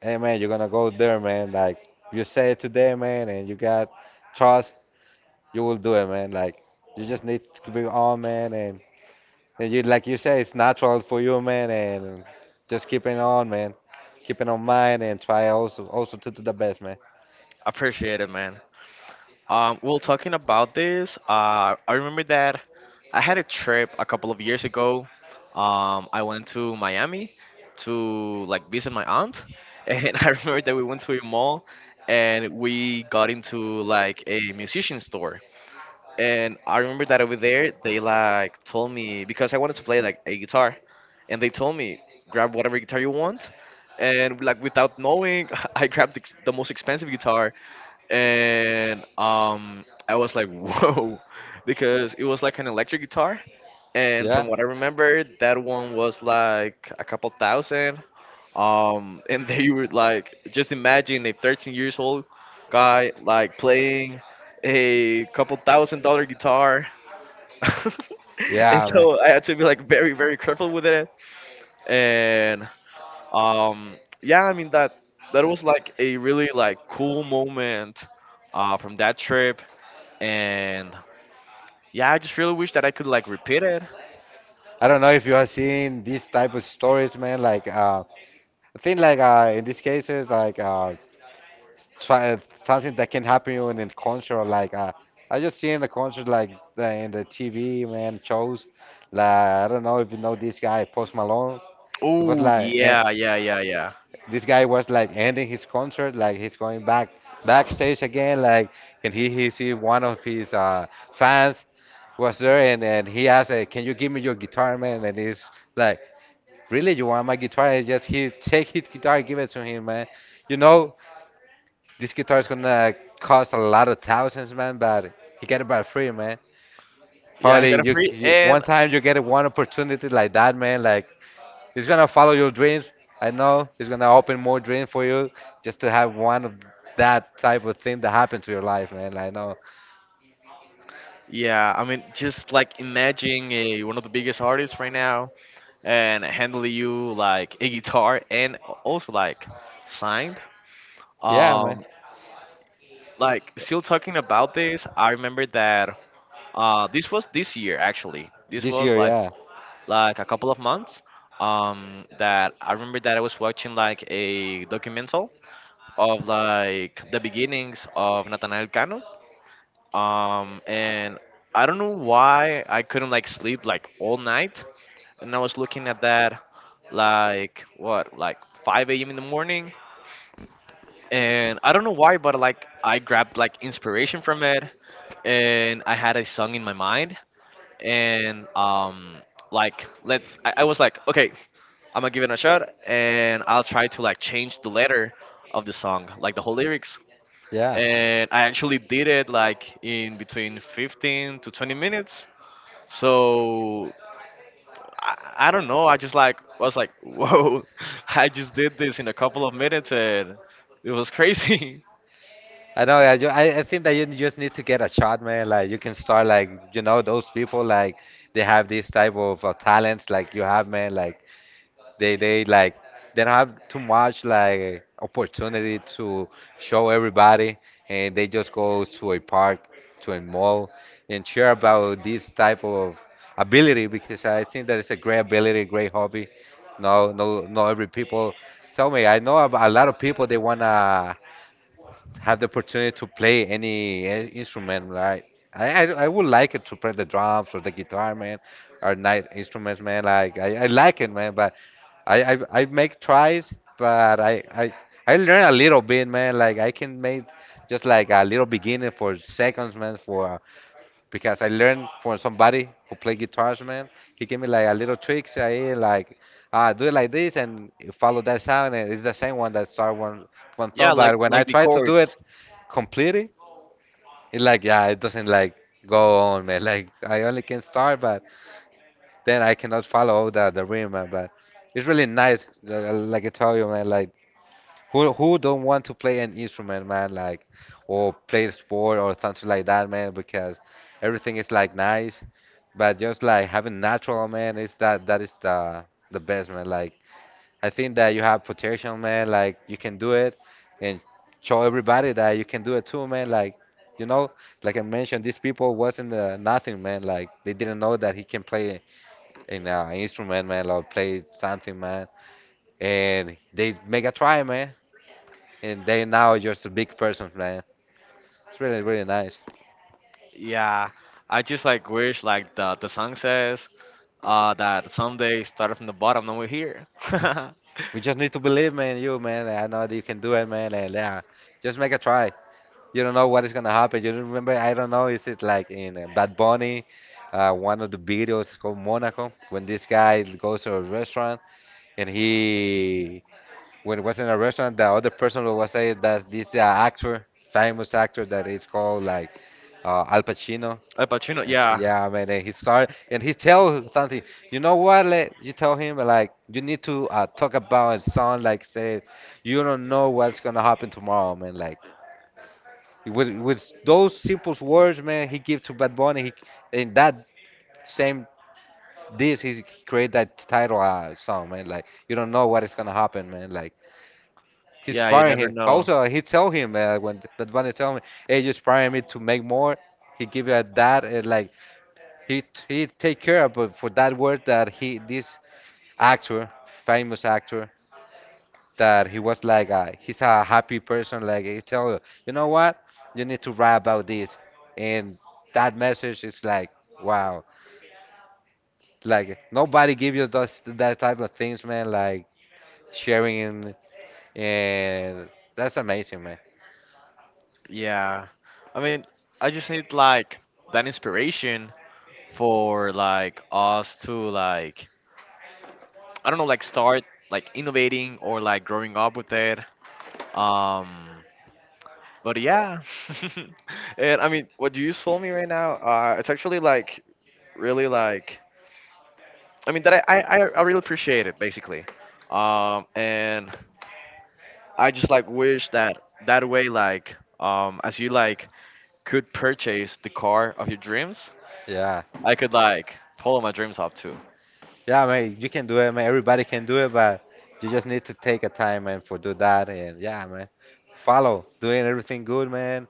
Speaker 2: Hey man, you're gonna go there, man. Like you say it today, man, and you got trust, you will do it, man. Like you just need to be on, man, and you like you say it's natural for you, man, and just keeping on, man, keeping on mind and try also to do the best, man.
Speaker 1: Appreciate it, man. Well, talking about this, I remember that I had a trip a couple of years ago. I went to Miami to like visit my aunt, (laughs) and I remember that we went to a mall and we got into like a musician store. And I remember that over there, they like told me because I wanted to play like a guitar, and they told me grab whatever guitar you want. And like without knowing, (laughs) I grabbed the, the most expensive guitar, and I was like, whoa, (laughs) because it was like an electric guitar, and
Speaker 2: Yeah,
Speaker 1: from what I remember, that one was like a couple thousand. (laughs) And they were like, just imagine a 13 years old guy like playing a couple thousand dollar guitar. (laughs) And
Speaker 2: yeah, man.
Speaker 1: so I had to be like very, very careful with it. And um, yeah, I mean that that was like a really like cool moment, from that trip. And yeah, I just really wish that I could like repeat it.
Speaker 2: I don't know if you have seen these type of stories, man. Like I think like in these cases, like try something that can happen you in a concert. Like I just seen the concert like in the TV man shows. Like I don't know if you know this guy Post Malone. He was
Speaker 1: Oh
Speaker 2: like
Speaker 1: yeah, yeah, yeah, yeah.
Speaker 2: this guy was like ending his concert. Like he's going back backstage again. Like and he see one of his fans was there and he asked, "Can you give me your guitar, man?" And he's like, "Really, you want my guitar?" And just he take his guitar, give it to him, man. You know, this guitar is gonna cost a lot of thousands, man, but he get it by free, man.
Speaker 1: Yeah, he
Speaker 2: Probably
Speaker 1: got a free
Speaker 2: you one
Speaker 1: and
Speaker 2: time you get one opportunity like that, man. Like it's gonna follow your dreams. I know it's gonna open more dreams for you just to have one of that type of thing that happened to your life, man. Like, I know.
Speaker 1: yeah, I mean just like imagine a, one of the biggest artists right now and handle you like a guitar and also like signed.
Speaker 2: Yeah, man.
Speaker 1: Um, like still talking about this, I remember that this was this year actually. This
Speaker 2: This
Speaker 1: was
Speaker 2: year, yeah,
Speaker 1: like a couple of months. That I remember that I was watching like a documental of like the beginnings of Nathaniel Cano. And I don't know why I couldn't like sleep like all night, and I was looking at that like what like 5 a.m. in the morning, and I don't know why, but like I grabbed like inspiration from it, and I had a song in my mind, and like let's I was like okay, I'm gonna give it a shot, and I'll try to like change the letter of the song, like the whole lyrics,
Speaker 2: yeah.
Speaker 1: and I actually did it like in between 15 to 20 minutes, so. I don't know. I just like was like, whoa! (laughs) I just did this in a couple of minutes, and it was crazy. (laughs)
Speaker 2: I know. I think that you just need to get a shot, man. Like you can start, like you know, those people, like they have this type of talents, like you have, man. Like They like they don't have too much like opportunity to show everybody, and they just go to a park, to a mall, and share about this type of ability because I think that it's a great ability, great hobby. No, no, no. Every people tell me I know a lot of people they wanna had the opportunity to play any instrument, right? I would like it to play the drums or the guitar, man, or night instruments, man. Like I like it, man, but I make tries, but I I learn a little bit, man. Like I can make just like a little beginning for seconds, man, for because I learned from somebody who played guitars, man. He gave me like a little tricks, I like do it like this and follow that sound, and it's the same one that start one
Speaker 1: Yeah,
Speaker 2: thumb. But when I
Speaker 1: like the
Speaker 2: try to do it
Speaker 1: chords.
Speaker 2: completely, it's like yeah, it doesn't like go on, man. (laughs) Like I only can start, but then I cannot follow all the rhythm, man. But it's really nice, like I told you, man. Like who don't want to play an instrument, man? Like or play a sport or something like that, man, because everything is like nice. But just like having natural, man, is that is the best, man. Like I think that you have potential, man. Like you can do it, and show everybody that you can do it too, man. Like you know, like I mentioned, these people wasn't nothing, man. Like they didn't know that he can play an instrument, man, or play something, man. And they make a try, man and they now you're just a big person, man. It's really, really nice.
Speaker 1: Yeah, I just like wish like the song says that someday started from the bottom and we're here. (laughs)
Speaker 2: We just need to believe, man, you, man. I know that you can do it, man. And yeah, just make a try. You don't know what is gonna happen. You remember? I don't know. Is it like in Bad Bunny? One of the videos called Monaco when this guy goes to a restaurant and he when it was in a restaurant the other person was saying that this actor, famous actor that is called like Al Pacino.
Speaker 1: Like, but you know,
Speaker 2: And she,
Speaker 1: yeah,
Speaker 2: yeah, man, and he start and he tell something. You know what? Like, you tell him like you need to talk about it. Son, like say, you don't know what's gonna happen tomorrow, man. Like with those simple words, man, he give to Bad Bunny. He, in that same this, he create that title song, man. Like you don't know what is gonna happen, man. Like he's
Speaker 1: yeah, you
Speaker 2: sparring
Speaker 1: never
Speaker 2: him.
Speaker 1: know.
Speaker 2: Also, he tell him when Bad Bunny tell me, hey, you sparring me to make more. He give you that and like he take care about for that word that he this actor, famous actor, that he was like a, he's a happy person. Like he tell you, you know what, you need to write about this, and that message is like wow, like nobody give you those that type of things, man. Like sharing and that's amazing, man.
Speaker 1: Yeah, I mean, I just need like that inspiration for like us to like I don't know like start like innovating or like growing up with it. Um, but yeah, (laughs) and I mean, what you just told me right now, it's actually like really like I mean that I really appreciate it basically, and I just like wish that that way like as you like could purchase the car of your dreams,
Speaker 2: Yeah.
Speaker 1: I could like follow my dreams up too.
Speaker 2: Yeah, man, you can do it, man. Everybody can do it, but you just need to take a time, man, for do that. And yeah, man, follow doing everything good, man.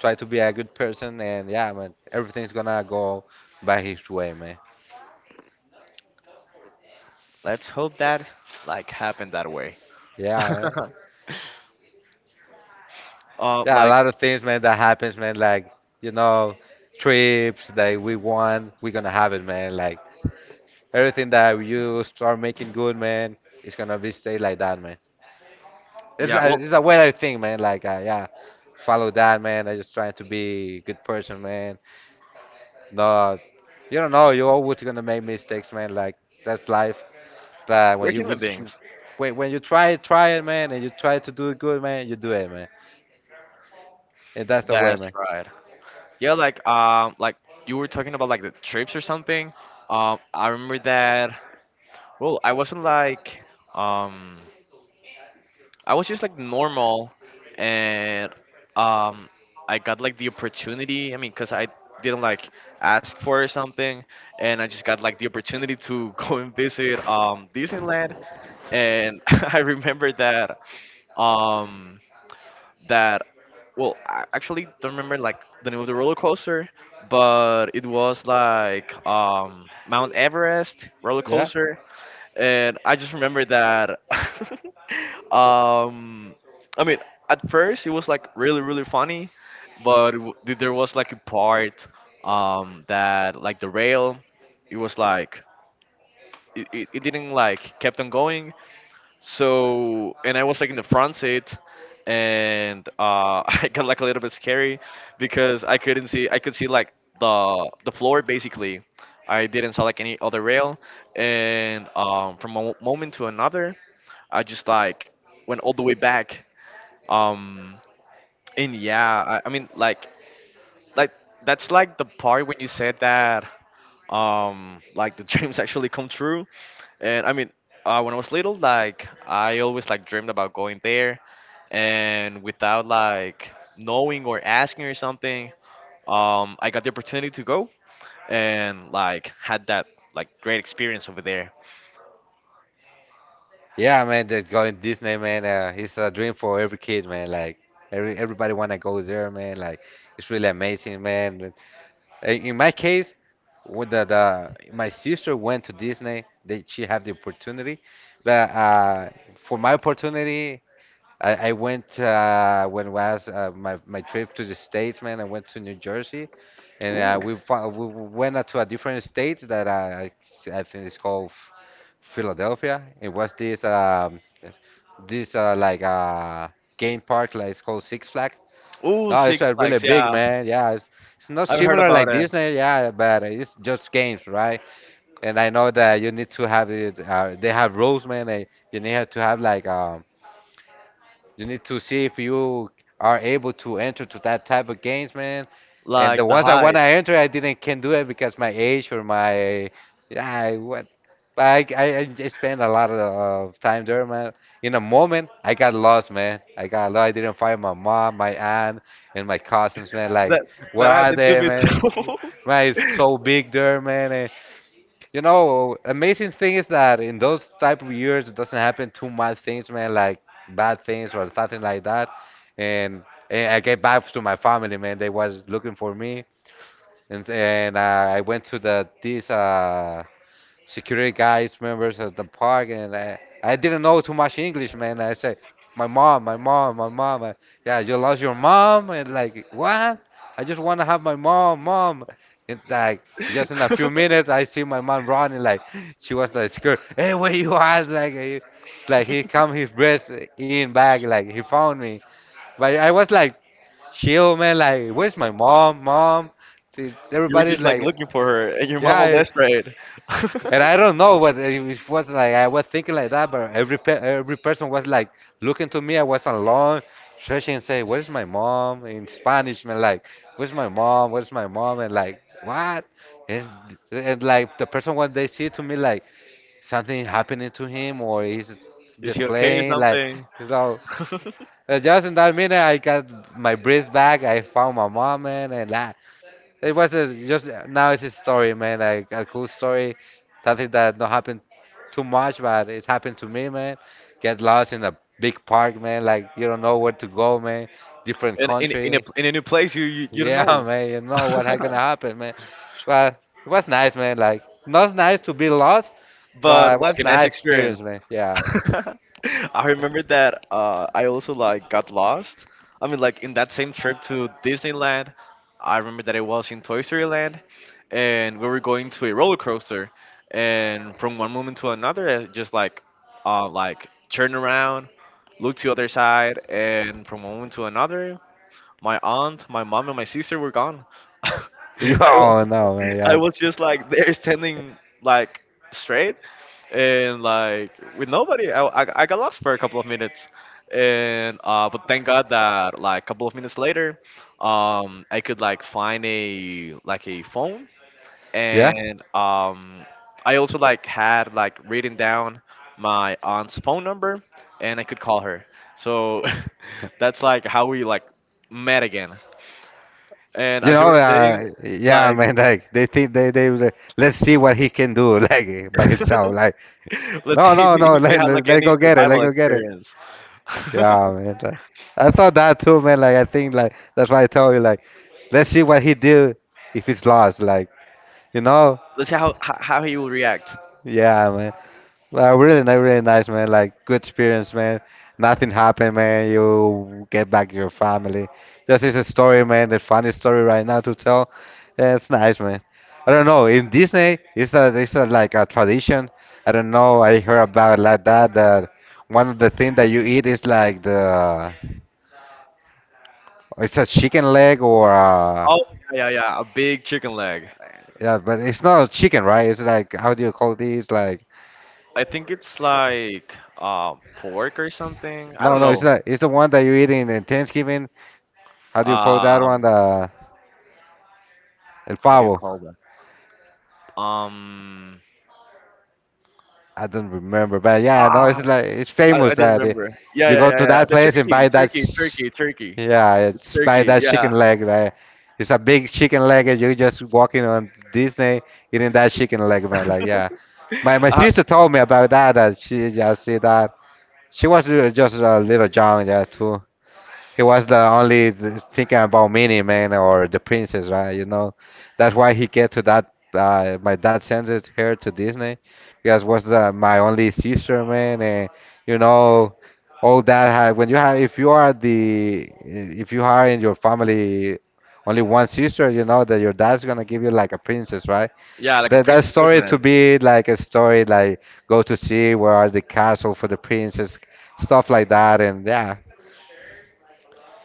Speaker 2: Try to be a good person, and yeah, man, everything's gonna go by his way, man.
Speaker 1: Let's hope that like happened that way. (laughs)
Speaker 2: Yeah, man. Yeah, a
Speaker 1: Like
Speaker 2: lot of things, man, that happens, man. Like you know, trips that we want, we're gonna have it, man. Like everything that you start making good, man, it's gonna be stay like that, man.
Speaker 1: yeah, well,
Speaker 2: It's a weather thing, man. Like, yeah, follow that, man. I just trying to be a good person, man. No, you don't know. You're always gonna make mistakes, man. Like that's life. But
Speaker 1: we're
Speaker 2: when you,
Speaker 1: human
Speaker 2: which you,
Speaker 1: beings.
Speaker 2: when you try it, man, and you try to do it good, man, you do it, man. And that's the way,
Speaker 1: That's
Speaker 2: man.
Speaker 1: right. Yeah, like you were talking about like the trips or something. I remember that. Well, I wasn't like um I was just like normal, and um, I got like the opportunity. I mean, cause I didn't like ask for something, and I just got like the opportunity to (laughs) go and visit Disneyland. And (laughs) I remember that um that well, I actually don't remember like the name of the roller coaster, but it was like Mount Everest roller
Speaker 2: Yeah,
Speaker 1: coaster, and I just remember that. (laughs) um, I mean, at first it was like really really funny, but it there was like a part that like the rail, it was like it didn't like kept on going, so, and I was like in the front seat, and (laughs) I got like a little bit scary because I couldn't see. I could see like the floor basically. I didn't saw like any other rail, and from a moment to another, I just like went all the way back. Um, and yeah, I mean like that's like the part when you said that like the (laughs) dreams actually come true and I mean, when I was little, like I always like dreamed about going there, and without like knowing or asking or something, I got the opportunity to go and like had that like great experience over there.
Speaker 2: yeah, man. That going Disney, man. It's a dream for every kid, man. Like everybody wanna go there, man. Like it's really amazing, man. In my case. With the my sister went to Disney. That she had the opportunity, but for my opportunity, I went when was my trip to the States, man. I went to New Jersey, and
Speaker 1: Ooh.
Speaker 2: we went out to a different state that I think it's called Philadelphia. It was this this like game park like it's called Six Flags.
Speaker 1: Ooh,
Speaker 2: No, it's
Speaker 1: Six Flags,
Speaker 2: really big,
Speaker 1: yeah.
Speaker 2: man. Yeah, it's not
Speaker 1: I've heard
Speaker 2: similar
Speaker 1: about
Speaker 2: like
Speaker 1: it.
Speaker 2: Disney, yeah, but it's just games, right? And I know that you need to have it. They have rules, man. And you need to have like you need to see if you are able to enter to that type of games, man. And
Speaker 1: Like
Speaker 2: the
Speaker 1: the
Speaker 2: ones I want
Speaker 1: height.
Speaker 2: to enter, I didn't can do it because my age or my yeah what. But I just spent a lot of time there, man. In a moment, I got lost, man. I got lost. I didn't find my mom, my aunt, and my cousins, man. Like,
Speaker 1: That
Speaker 2: where
Speaker 1: that
Speaker 2: are
Speaker 1: happened to
Speaker 2: they, man? Man, it's so big there, man. You know, amazing thing is that in those type of years, it doesn't happen too much things, man, like bad things or something like that. And, and I get back to my family, man. They was looking for me, and I went to the this security guys members at the park and I didn't know too much English man I say my mom yeah you lost your mom and like what I just want to have my mom mom it's like
Speaker 1: me
Speaker 2: just in a few minutes I see my mom running like she was like scared hey where you at like like
Speaker 1: too.
Speaker 2: he
Speaker 1: (laughs)
Speaker 2: come his breath in back like he found me but I was like chill man like where's my mom mom
Speaker 1: You were
Speaker 2: everybody's
Speaker 1: just like
Speaker 2: like
Speaker 1: looking for her, and your mom was
Speaker 2: yeah.
Speaker 1: desperate. (laughs)
Speaker 2: And I don't know what it was like. I was thinking like that, but every person was like looking to me. I was alone, stretching and say, "Where's my mom?" in Spanish, man. Like, "Where's my mom? Where's my mom?" And like, what? And, and like the person when they see to me like something happening to him or he's
Speaker 1: Is
Speaker 2: just
Speaker 1: he okay or
Speaker 2: playing, like
Speaker 1: something?
Speaker 2: you know.
Speaker 1: (laughs)
Speaker 2: And just in that minute, I got my breath back. I found my mom, man, and I, it was a, just now it's a story, man. Like a cool story, something that not happened too much, but it happened to me, man. Get lost in a big park, man. Like you don't know where to go, man. Different
Speaker 1: And
Speaker 2: country.
Speaker 1: in a new place, you you don't
Speaker 2: Yeah, (laughs)
Speaker 1: know.
Speaker 2: man. You know what had
Speaker 1: (laughs)
Speaker 2: gonna happen, man. But it was nice, man. Like not nice to be lost,
Speaker 1: But
Speaker 2: but it
Speaker 1: like
Speaker 2: was
Speaker 1: a nice
Speaker 2: nice
Speaker 1: experience.
Speaker 2: experience, man. Yeah. (laughs)
Speaker 1: (laughs) I remember that I also like got lost. I mean, like in that same trip to Disneyland, I remember that it was in Toy Story Land, and we were going to a roller coaster, and from one moment to another, I just like turn around, look to the other side, and from one moment to another, my aunt, my mom, and my sister were gone. (laughs) I was,
Speaker 2: Oh no, man.
Speaker 1: I
Speaker 2: Yeah.
Speaker 1: was just like there standing like straight and like with nobody. I got lost for a couple of minutes, and uh, but thank God that like a couple of minutes later, I could like find a like a phone,
Speaker 2: Yeah.
Speaker 1: and I also like had like written down my aunt's phone number, and I could call her, so (laughs) that's like how we like met again. And
Speaker 2: You
Speaker 1: as you
Speaker 2: know,
Speaker 1: were saying,
Speaker 2: yeah,
Speaker 1: like
Speaker 2: man. (laughs) Like they think they- let's see what he can do, (laughs) like by
Speaker 1: (laughs)
Speaker 2: himself. Like
Speaker 1: let's
Speaker 2: No,
Speaker 1: see
Speaker 2: no, no.
Speaker 1: if
Speaker 2: (laughs)
Speaker 1: you had like
Speaker 2: Let
Speaker 1: any
Speaker 2: go get it. Let
Speaker 1: survival
Speaker 2: go get it.
Speaker 1: experience. (laughs)
Speaker 2: Yeah, man. Like- I thought that too, man. Like I think like that's why I told you like, let's see what he do if it's lost. Like you know.
Speaker 1: Let's see how how he will react.
Speaker 2: Yeah, man. Really, really nice, man. Like good experience, man. Nothing happened, man. You get back your family. Just is a story, man. The funny story right now to tell. Yeah, it's nice, man. I don't know. In Disney, it's a, like a tradition. I don't know. I heard about like that one of the things that you eat is like the it's a chicken leg or
Speaker 1: Oh yeah, yeah, yeah, a big chicken leg.
Speaker 2: yeah, but it's not chicken, right? It's like how do you call these? Like
Speaker 1: I think it's like pork or something. I
Speaker 2: no,
Speaker 1: don't
Speaker 2: no, it's
Speaker 1: know.
Speaker 2: not. It's the one that you eat in Thanksgiving. How do you call that one?
Speaker 1: Um,
Speaker 2: The El
Speaker 1: how do you
Speaker 2: Pavo.
Speaker 1: call that? Um,
Speaker 2: I don't remember, but yeah, no,
Speaker 1: ah,
Speaker 2: it's like it's
Speaker 1: I
Speaker 2: famous
Speaker 1: didn't
Speaker 2: that it,
Speaker 1: remember. Yeah,
Speaker 2: you
Speaker 1: yeah,
Speaker 2: go
Speaker 1: yeah,
Speaker 2: to
Speaker 1: yeah. yeah.
Speaker 2: that
Speaker 1: The
Speaker 2: place and
Speaker 1: turkey,
Speaker 2: buy that.
Speaker 1: turkey, turkey, turkey.
Speaker 2: Yeah,
Speaker 1: It's
Speaker 2: it's buy
Speaker 1: turkey.
Speaker 2: that chicken
Speaker 1: Yeah,
Speaker 2: leg. Like, it's a big chicken leg, and you're just walking on Disney eating that chicken leg, man. Like, yeah,
Speaker 1: (laughs)
Speaker 2: my
Speaker 1: uh,
Speaker 2: sister told me about that. That she just see that she was just a little young, yeah, too. He was the only thinking about Minnie Man or the princess, right? You know, that's why he get to that. My dad sends it here to Disney because was the my only sister, man, and you know, all that. When you have, if you are in your family, only one sister, you know that your dad's gonna give you like a princess, right?
Speaker 1: yeah, like a
Speaker 2: That
Speaker 1: princess
Speaker 2: story to
Speaker 1: treatment.
Speaker 2: be like a story like go to see where are the castle for the princess, stuff like that, and yeah,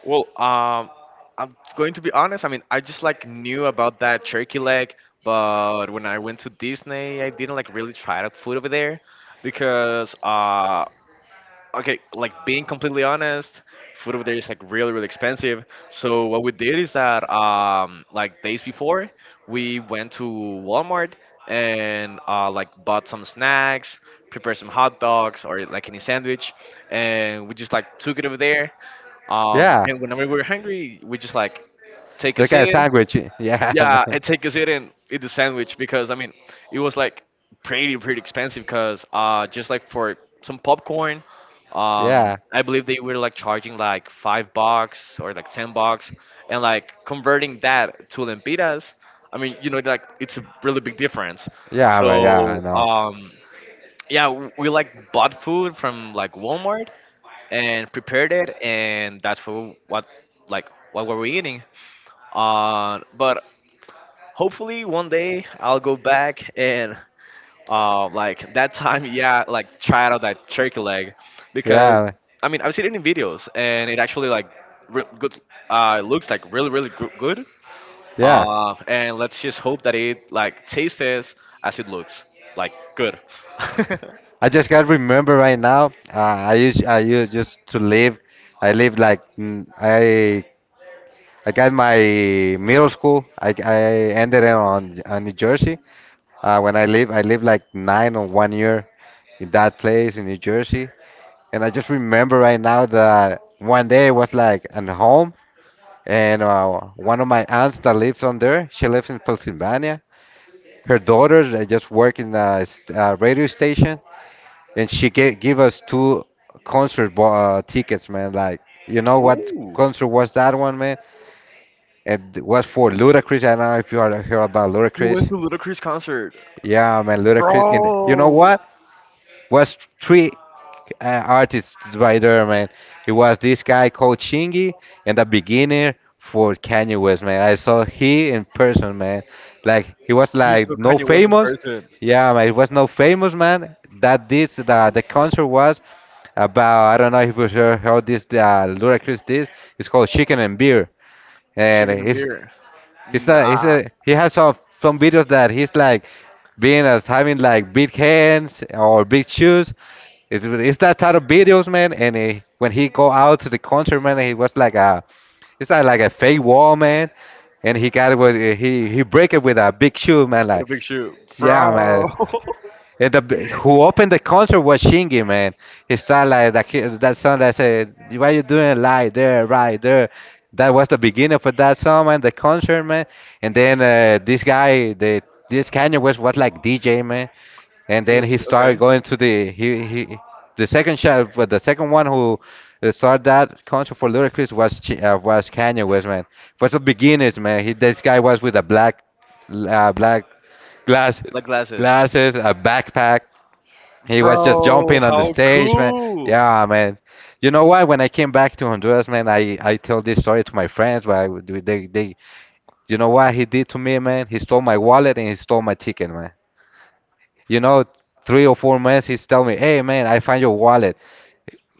Speaker 1: Well, I'm going to be honest. I mean, I just like knew about that turkey leg, but when I went to Disney, I didn't like really try that food over there because, okay, like being completely honest, food over there is like really, really expensive. So what we did is that, like days before, we went to Walmart and like bought some snacks, prepared some hot dogs or like any sandwich, and we just like took it over there,
Speaker 2: yeah.
Speaker 1: and whenever we're hungry, we just like take a
Speaker 2: Like a
Speaker 1: seat.
Speaker 2: sandwich. Yeah, (laughs)
Speaker 1: Yeah,
Speaker 2: man.
Speaker 1: and take a seat and eat the sandwich because I mean, it was like pretty expensive because just like for some popcorn,
Speaker 2: Yeah.
Speaker 1: I believe they were like charging like $5 or like $10, and like converting that to lempiras. I mean, you know, like it's a really big difference.
Speaker 2: Yeah, man. Yeah, I
Speaker 1: So
Speaker 2: know.
Speaker 1: yeah, we like bought food from like Walmart and prepared it, and that's for what like what were we eating. But hopefully one day I'll go back and like that time, yeah, like try out that turkey leg because
Speaker 2: Yeah, man.
Speaker 1: I mean I've seen it in videos and it actually like good. It looks like really really good.
Speaker 2: Yeah.
Speaker 1: And let's just hope that it like tastes as it looks like good. (laughs)
Speaker 2: I just got remember right now. I used just to live. I lived like I got my middle school. I ended it on New Jersey. I lived like 9 or 1 year in that place in New Jersey. And I just remember right now that one day I was like at home, and one of my aunts that lives on there, she lives in Pennsylvania, her daughter that just worked in a radio station, and give us two concert tickets, man. Like, you know what
Speaker 1: Ooh,
Speaker 2: concert was that one, man? It was for Ludacris. I don't know if you heard about
Speaker 1: you went
Speaker 2: Ludacris.
Speaker 1: to Ludacris concert.
Speaker 2: Yeah, man, Ludacris. And you know
Speaker 1: Bro!
Speaker 2: what? Was three artists by there, man. It was this guy called Shingy and a beginner for Kanye West, man. I saw he in person, man. Like he was
Speaker 1: You saw
Speaker 2: like no
Speaker 1: Kanye West in
Speaker 2: famous.
Speaker 1: person,
Speaker 2: Yeah, man, it was no famous man. That this the concert was about. I don't know if you sure how this the Ludacris this. It's called Chicken and Beer, and
Speaker 1: shaking a beer. Nah,
Speaker 2: he has some videos that he's like being as having like big hands or big shoes. It's that type of videos, man. And when he go out to the concert, man, he was it's not like a fake wall, man. And he got it with he break it with a big shoe, man.
Speaker 1: with a
Speaker 2: Like
Speaker 1: big shoe,
Speaker 2: yeah,
Speaker 1: bro.
Speaker 2: man.
Speaker 1: (laughs)
Speaker 2: And the who opened the concert was Shingy, man. He started like that that song that said, "Why you doing like there, right there." That was the beginning for that song, man. The concert, man. And then this guy, the this Kanye West was like DJ, man, and
Speaker 1: It
Speaker 2: then
Speaker 1: was
Speaker 2: he
Speaker 1: okay.
Speaker 2: started going to the he the second shot, but the second one who started that concert for Ludacris was was Kanye West, man. For the beginners, man, he this guy was with a black black glass
Speaker 1: Like glasses,
Speaker 2: glasses, a backpack. He was just
Speaker 1: bro.
Speaker 2: jumping on the
Speaker 1: How
Speaker 2: stage, man.
Speaker 1: cool.
Speaker 2: Yeah, man. You know what? When I came back to Honduras, man, I tell this story to my friends, but they you know what he did to me, man? He stole my wallet and he stole my ticket, man. You know, 3 or 4 months, he's telling me, "Hey, man, I find your wallet.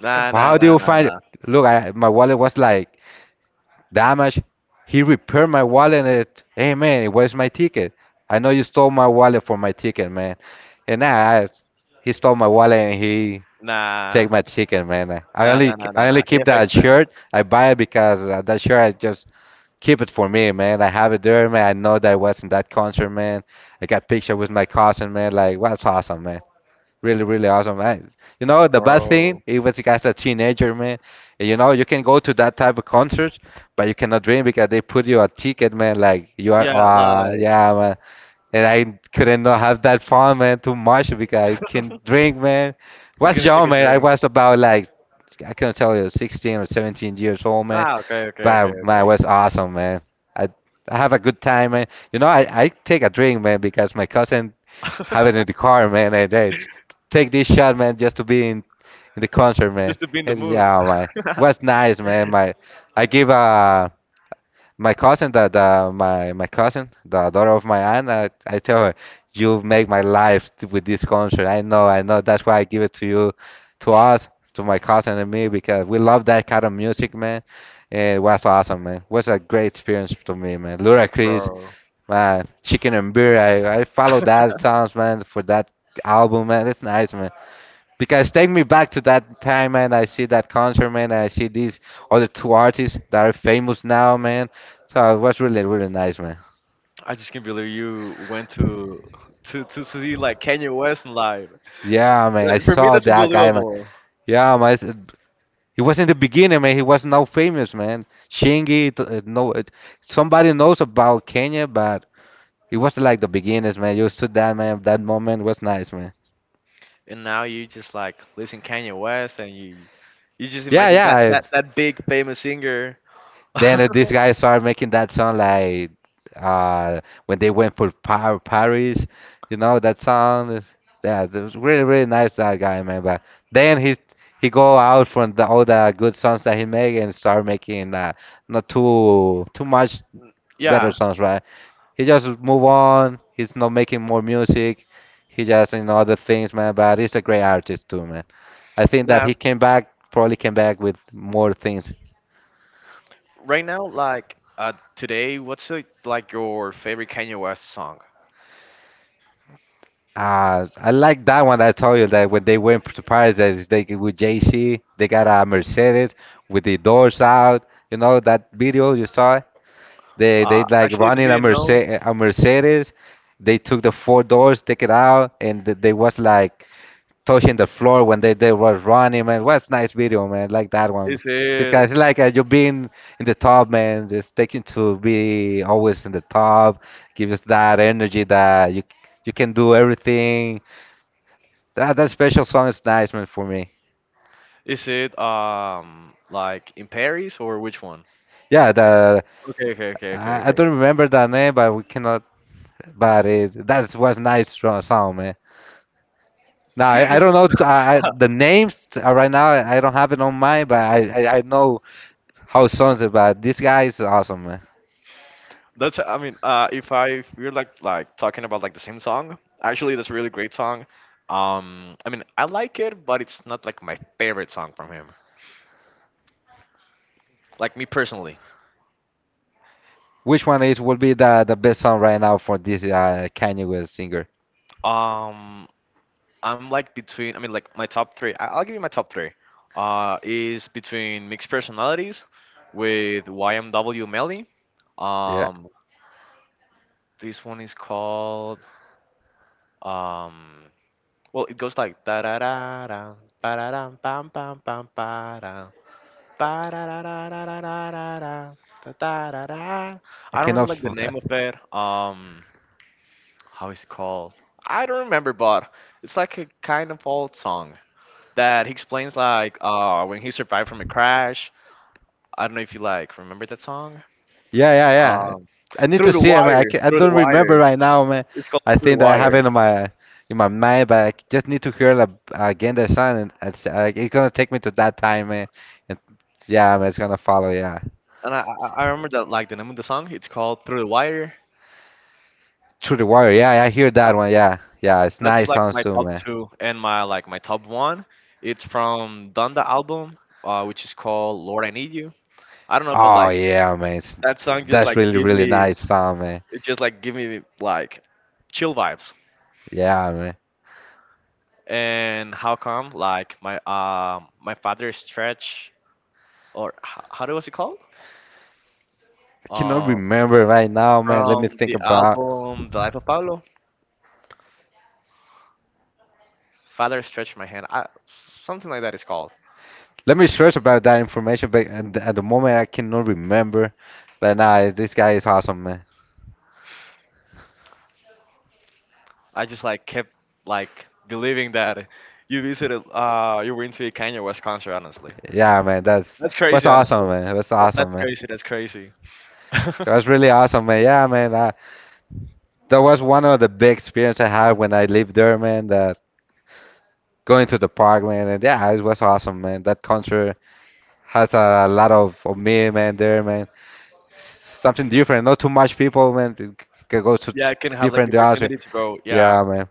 Speaker 1: Nah, nah,
Speaker 2: How do
Speaker 1: nah,
Speaker 2: you find it?
Speaker 1: nah,
Speaker 2: Look, my wallet was like damaged. He repaired my wallet. And it, hey, man, it was my ticket?" I know you stole my wallet for my ticket, man. And I he stole my wallet and he take
Speaker 1: nah,
Speaker 2: my ticket, man.
Speaker 1: nah, nah, nah, nah, nah.
Speaker 2: I only
Speaker 1: nah. He
Speaker 2: keep
Speaker 1: a fake
Speaker 2: that
Speaker 1: friend,
Speaker 2: shirt. I buy it because that shirt I just keep it for me, man. I have it there, man. I know that I was in that concert, man. I got picture with my cousin, man. Like, what's awesome, man. Really, really awesome, man. You know, the bad thing,
Speaker 1: bro.
Speaker 2: it was like as a teenager, man. You know, you can go to that type of concert, but you cannot drink because they put you a ticket, man. Like you are,
Speaker 1: Yeah, like
Speaker 2: yeah, man. And I couldn't not have that fun, man, too much because I can drink, man.
Speaker 1: you're
Speaker 2: Was
Speaker 1: gonna take
Speaker 2: young,
Speaker 1: a
Speaker 2: man. I
Speaker 1: drink.
Speaker 2: was about like, I couldn't tell you, 16 or 17 years old, man.
Speaker 1: Ah, okay, okay,
Speaker 2: But man, it
Speaker 1: okay,
Speaker 2: was awesome, man. I I have a good time, man. You know, I take a drink, man, because my cousin
Speaker 1: okay.
Speaker 2: having in the car, man, and then take this shot, man, just to be in the concert,
Speaker 1: (laughs)
Speaker 2: man.
Speaker 1: Just to be in the
Speaker 2: And
Speaker 1: mood.
Speaker 2: yeah, man, it
Speaker 1: (laughs)
Speaker 2: was nice, man. I give my cousin that my cousin, the daughter of my aunt, I tell her, you make my life with this concert. I know, I know. That's why I give it to you, to us, to my cousin and me, because we love that kind of music, man. And it was awesome, man. It was a great experience to me, man. Ludacris,
Speaker 1: Bro,
Speaker 2: man, Chicken and Beer, I follow that songs, man, for that album, man. That's nice, man. Because take me back to that time, man. I see that concert, man. I see these other two artists that are famous now, man. So it was really, really nice, man.
Speaker 1: I just can't believe you went to to see like Kanye West live.
Speaker 2: Yeah, man. I
Speaker 1: That- For me,
Speaker 2: saw
Speaker 1: that's
Speaker 2: that guy, man.
Speaker 1: unbelievable.
Speaker 2: Yeah, man. He was in the beginning, man. He was not famous, man. Shingy, no, somebody knows about Kenya, but it was like the beginnings, man. You stood that, man. That moment was nice, man.
Speaker 1: And now you just like listen Kanye West and you just
Speaker 2: Yeah,
Speaker 1: imagine that
Speaker 2: yeah.
Speaker 1: that big famous singer.
Speaker 2: Then
Speaker 1: (laughs)
Speaker 2: these guys started making that song like uh, when they went for Paris, you know that song. Yeah, it was really really nice that guy man. But then he go out from all the good songs that he make and start making not too much better
Speaker 1: Yeah.
Speaker 2: songs, right? He just move on. He's not making more music. He just other things, man. But he's a great artist too, man. I think that
Speaker 1: Now
Speaker 2: he came back probably came back with more things.
Speaker 1: right now like today what's like your favorite Kanye West song?
Speaker 2: I like that one. I told you that when they went to Paris, that is they with JC, they got a Mercedes with the doors out. You know that video you saw? They
Speaker 1: Uh,
Speaker 2: they like
Speaker 1: actually the
Speaker 2: running a
Speaker 1: video no.
Speaker 2: Mercedes, a Mercedes. They took the four doors, take it out, and they was like touching the floor when they were running. Man, what's nice video, man. Like that one.
Speaker 1: Is
Speaker 2: This
Speaker 1: it,
Speaker 2: guy's like you being in the top, man. Just taking to be always in the top, gives us that energy that you can do everything that special song is nice, man, for me.
Speaker 1: is it like in Paris or which one?
Speaker 2: Yeah, the
Speaker 1: Okay, okay, okay, okay,
Speaker 2: I
Speaker 1: okay.
Speaker 2: don't remember the name, but we cannot. But it that was nice song, man. Now I don't know t I the names right now. I don't have it on mind, but I know how songs are. But this guy is awesome, man.
Speaker 1: That's, I mean, if I if we're like talking about like the same song, actually that's a really great song. I mean, I like it, but it's not like my favorite song from him. Like me personally,
Speaker 2: Which one is will be the best song right now for this Kanye West singer?
Speaker 1: um, I'm like between. I mean, like my top three. I'll give you my top three. Is between mixed personalities with YMW Melly.
Speaker 2: Yeah,
Speaker 1: Um, this one is called um. Well, it goes like da da da da da da bam bam bam ba da da da da da da da da da da da da.
Speaker 2: I
Speaker 1: I don't remember
Speaker 2: cannot.
Speaker 1: like the name of it. How is it called? I don't remember, but it's like a kind of old song that he explains like when he survived from a crash. I don't know if you like remember that song.
Speaker 2: Yeah, yeah, yeah.
Speaker 1: Um,
Speaker 2: I need to see it, man. I
Speaker 1: through the
Speaker 2: don't
Speaker 1: wire.
Speaker 2: remember right now, man.
Speaker 1: It's called
Speaker 2: I
Speaker 1: through the
Speaker 2: think that I have
Speaker 1: wire,
Speaker 2: it in my mind, but I just need to hear it again the song, and it's gonna take me to that time, man. And yeah, man, it's gonna follow. Yeah,
Speaker 1: and I remember that like the name of the song. It's called through the wire.
Speaker 2: Through the Wire. Yeah, I hear that one. Yeah, yeah, it's
Speaker 1: That's
Speaker 2: nice
Speaker 1: like
Speaker 2: song
Speaker 1: my
Speaker 2: too,
Speaker 1: top
Speaker 2: man.
Speaker 1: two and my like my top one. It's from Donda album, which is called "Lord I Need You." I don't know, but
Speaker 2: Oh
Speaker 1: like
Speaker 2: yeah, man.
Speaker 1: that song just
Speaker 2: That's
Speaker 1: like
Speaker 2: really
Speaker 1: give
Speaker 2: really
Speaker 1: me
Speaker 2: nice song, man.
Speaker 1: it just like give me like chill vibes.
Speaker 2: Yeah, man.
Speaker 1: And how come like my my father stretch or how do was it called?
Speaker 2: I cannot
Speaker 1: Um,
Speaker 2: remember right now, man. Let
Speaker 1: from
Speaker 2: me think
Speaker 1: the
Speaker 2: about.
Speaker 1: album "The Life of Pablo," father stretch my hand. I, something like that is called.
Speaker 2: Let me stress about that information, but at the moment I cannot remember. But nah, this guy is awesome, man.
Speaker 1: I just like kept like believing that you went to a Kanye West concert honestly.
Speaker 2: Yeah, man, that's
Speaker 1: That's
Speaker 2: was
Speaker 1: crazy honestly.
Speaker 2: awesome, man. That's
Speaker 1: That's
Speaker 2: awesome, man.
Speaker 1: crazy. That's crazy.
Speaker 2: It was
Speaker 1: (laughs)
Speaker 2: really awesome, man. Yeah, man. That was one of the big experience I had when I lived there, man. That going to the park, man, and yeah, it was awesome, man. That concert has lot of me, man. There, man. Something different. Not too much people, man. It can go to
Speaker 1: Yeah, I can have like the
Speaker 2: different direction.
Speaker 1: opportunity to go. Yeah.
Speaker 2: Yeah, man.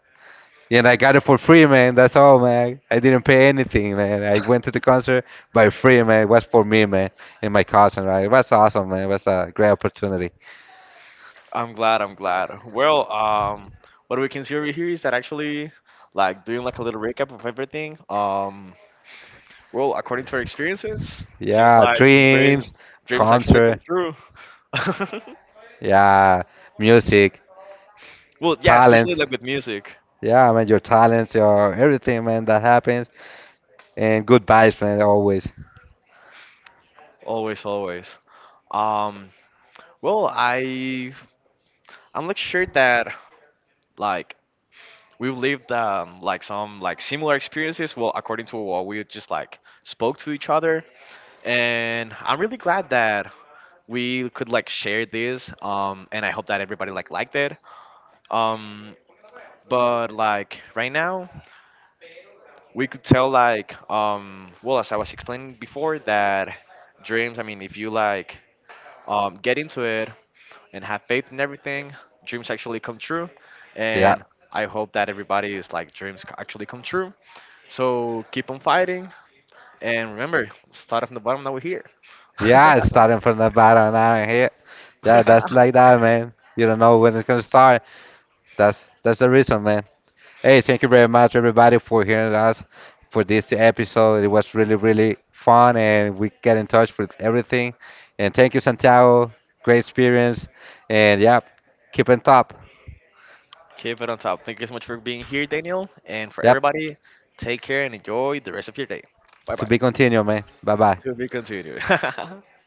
Speaker 2: And I got it for free, man. That's all, man. I didn't pay anything, man. I went to the concert by free, man. It was for me, man, and my cousin, right? It was awesome, man. It was a great opportunity.
Speaker 1: I'm glad. I'm glad. Well, what we can see over here is that actually like doing like a little recap of everything. Well, according to our experiences, seems
Speaker 2: Yeah,
Speaker 1: like dreams
Speaker 2: dreams,
Speaker 1: dreams actually
Speaker 2: concert,
Speaker 1: come true. (laughs)
Speaker 2: yeah, music,
Speaker 1: Well, yeah, especially
Speaker 2: talents.
Speaker 1: like with music.
Speaker 2: Yeah, man, your talents, your everything, man, that happens. And good vibes, man, always.
Speaker 1: Always, always. Um, well, I'm not sure that like we've lived, like some like similar experiences. Well, according to what we just like spoke to each other, and I'm really glad that we could like share this. And I hope that everybody like liked it. Um, but like right now, we could tell like well as I was explaining before that dreams. I mean, if you like, get into it and have faith in everything. Dreams actually come true,
Speaker 2: Yeah.
Speaker 1: and I hope that everybody is like dreams actually come true. So keep on fighting, and remember, start from the bottom. Now we're here. (laughs)
Speaker 2: Yeah, it's starting from the bottom now and here. Yeah, that's like that, man. You don't know when it's gonna start. That's the reason, man. Hey, thank you very much, everybody, for hearing us for this episode. It was really, really fun, and we get in touch with everything. And thank you, Santiago. Great experience. And yeah, keep on top.
Speaker 1: Keep it on top. Thank you so much for being here, Daniel, and for
Speaker 2: Yep,
Speaker 1: everybody. Take care and enjoy the rest of your day. Bye
Speaker 2: to
Speaker 1: bye.
Speaker 2: be continued, man. Bye bye.
Speaker 1: To be continued. (laughs)